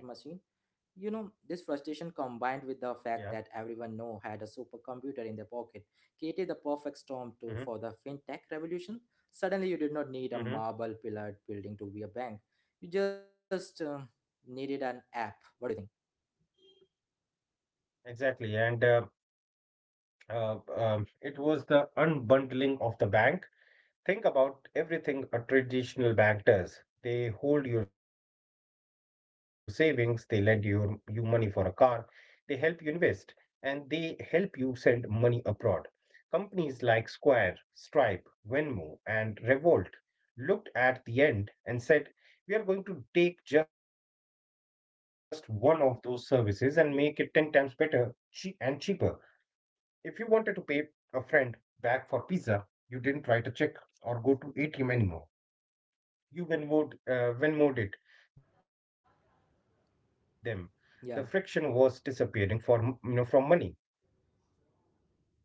[SPEAKER 1] You know, this frustration
[SPEAKER 2] Yeah.
[SPEAKER 1] combined with the fact that everyone now had a supercomputer in their pocket created the perfect
[SPEAKER 2] Hmm.
[SPEAKER 1] storm too for the fintech revolution. Suddenly, you did not need
[SPEAKER 2] Hmm.
[SPEAKER 1] a marble pillared building to be a bank. You just needed an app. What do you think?
[SPEAKER 2] Exactly. And It was the unbundling of the bank. Think about everything a traditional bank does. They hold your savings, they lend you money for a car, they help you invest, and they help you send money abroad. Companies like Square, Stripe, Venmo, and Revolt looked at the end and said, we are going to take just one of those services and make it 10 times better and cheaper. If you wanted to pay a friend back for pizza, you didn't write a check or go to ATM anymore. You Venmoed it them. The friction was disappearing
[SPEAKER 1] Yeah.
[SPEAKER 2] for m- you know from money.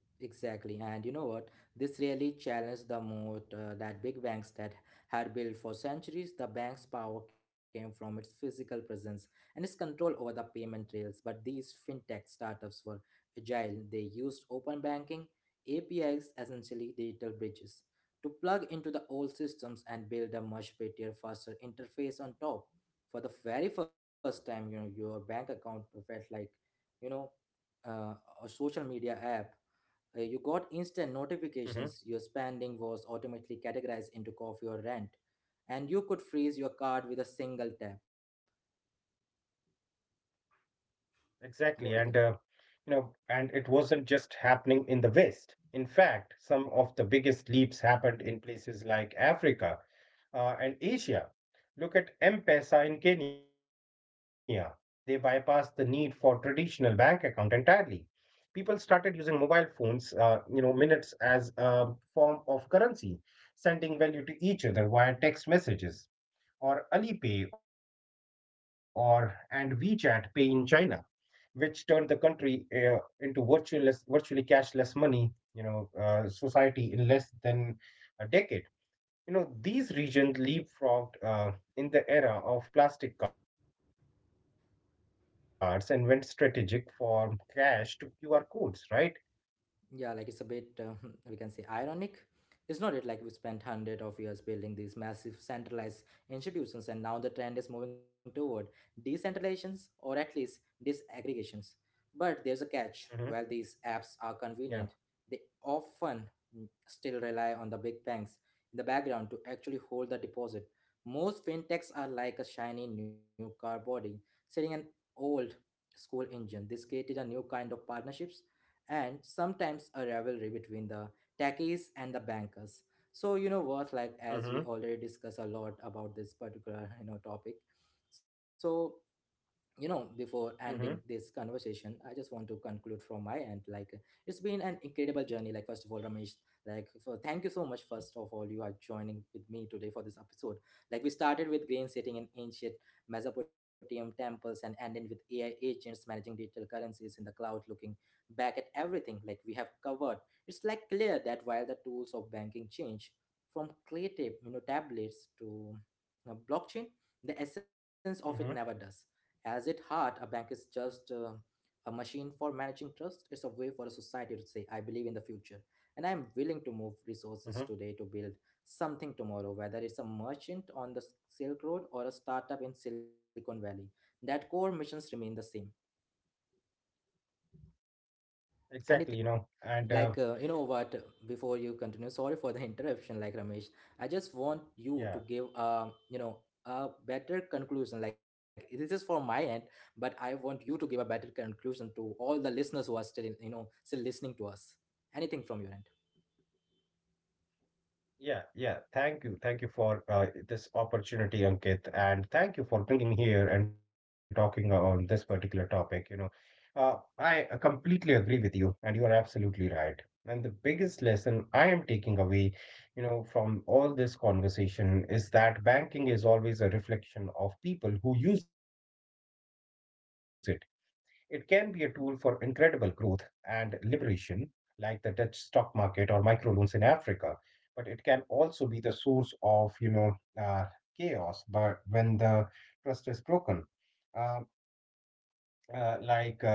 [SPEAKER 1] Exactly, and you know what? This really challenged the moat that big banks that had built for centuries. The bank's power came from its physical presence and its control over the payment rails. But these fintech startups were agile. They used open banking APIs, essentially digital bridges, to plug into the old systems and build a much prettier, faster interface on top. For the very first time, you know, your bank account felt like, you know, uh, a social media app. You got
[SPEAKER 2] Mhm.
[SPEAKER 1] instant notifications, your spending was automatically categorized into coffee or rent, and you could freeze your card with a single tap.
[SPEAKER 2] Exactly, you know,
[SPEAKER 1] What do you think?
[SPEAKER 2] and it wasn't just happening in the West. In fact, some of the biggest leaps happened in places like Africa and Asia. Look at M Pesa in Kenya. They bypassed the need for traditional bank account entirely. People started using mobile phones, minutes as a form of currency, sending value to each other via text messages, or Alipay or and WeChat Pay in China, which turned the country into virtually cashless money, society in less than a decade. You know, these regions leapfrogged in the era of plastic cards and went strategic from cash to QR codes, right?
[SPEAKER 1] Yeah, like it's a bit we can say ironic, it's not it, like we spent hundred of years building these massive centralized institutions and now the trend is moving toward decentralizations, or at least
[SPEAKER 2] Mm-hmm.
[SPEAKER 1] disaggregations. But there's a catch.
[SPEAKER 2] Yeah.
[SPEAKER 1] While these apps are convenient, they often still rely on the big banks in the background to actually hold the deposit. Most fintechs are like a shiny new car body sitting an old school engine. This created a new kind of partnerships and sometimes a rivalry between the techies and the bankers. So you know what, like
[SPEAKER 2] Mm-hmm.
[SPEAKER 1] as we already discussed a lot about this particular topic, so,
[SPEAKER 2] Mm-hmm.
[SPEAKER 1] you know, before ending this conversation I just want to conclude from my end. Like it's been an incredible journey. Like first of all, Ramesh, thank you so much, first of all, you are joining with me today for this episode. Like we started with grain setting in ancient Mesopotamian temples and ended with AI agents managing digital currencies in the cloud. Looking back at everything like we have covered, it's like clear that while the tools of banking change from creative, you know, tablets to, you know, blockchain, the essence of it never
[SPEAKER 2] Mm-hmm.
[SPEAKER 1] does. As at heart, a bank is just a machine for managing trust. It's a way for a society to say, I believe in the future, and I'm willing to move
[SPEAKER 2] Mm-hmm.
[SPEAKER 1] resources today to build something tomorrow, whether it's a merchant on the Silk Road or a startup in Silicon Valley. That core missions remain the same.
[SPEAKER 2] Exactly, you know, and
[SPEAKER 1] Anything like you know what, before you continue, sorry for the interruption, like Ramesh, I just want
[SPEAKER 2] yeah.
[SPEAKER 1] you to give a, you know, a better conclusion. Like this is for my end, but I want you to give a better conclusion to all the listeners who are still in, you know, still listening to us. Anything from your end?
[SPEAKER 2] Yeah, yeah. Thank you. Thank you for this opportunity, Ankit. And thank you for bringing me here and talking on this particular topic. You know, I completely agree with you, and you are absolutely right. And the biggest lesson I am taking away, you know, from all this conversation is that banking is always a reflection of people who use it. It can be a tool for incredible growth and liberation, like the Dutch stock market or microloans in Africa. But it can also be the source of, uh, chaos. But when the trust is broken, uh, like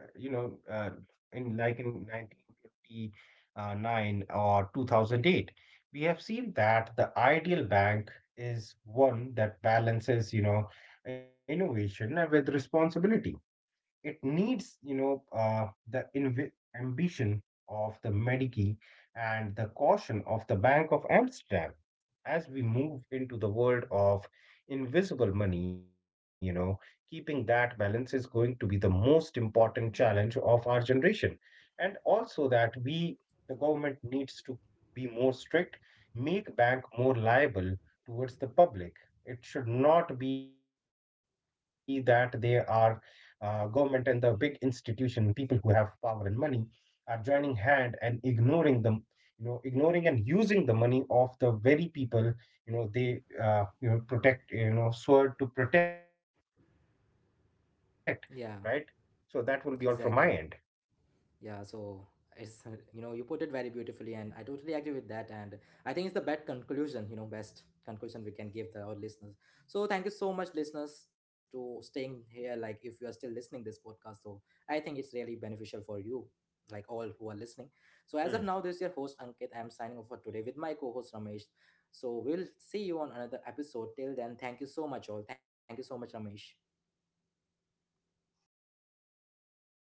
[SPEAKER 2] you know, in like in 1959 or 2008, we have seen that the ideal bank is one that balances, innovation with responsibility. It needs, you know the inv- ambition of the Medici and the caution of the Bank of Amsterdam. As we move into the world of invisible money, keeping that balance is going to be the most important challenge of our generation. And also that we, the government, needs to be more strict, make bank more liable towards the public. It should not be that they are, government and the big institution, people who have power and money, are joining hand and ignoring them, you know, ignoring and using the money of the very people, you know, they, you know, protect, you know, sword to protect, right? So
[SPEAKER 1] Yeah.
[SPEAKER 2] that will be all from my end.
[SPEAKER 1] Exactly. Yeah. So it's you know, you put it very beautifully, and I totally agree with that. And I think it's the best conclusion. Best conclusion we can give to our listeners. So thank you so much, listeners, to staying here. Like if you are still listening this podcast, so I think it's really beneficial for you, like all who are listening. So as of now, this is your host Ankit.
[SPEAKER 2] Hmm.
[SPEAKER 1] I'm signing off for today with my co-host Ramesh. So we'll see you on another episode. Till then, thank you so much, all. Thank you so much, Ramesh.
[SPEAKER 2] Yeah. Thank you.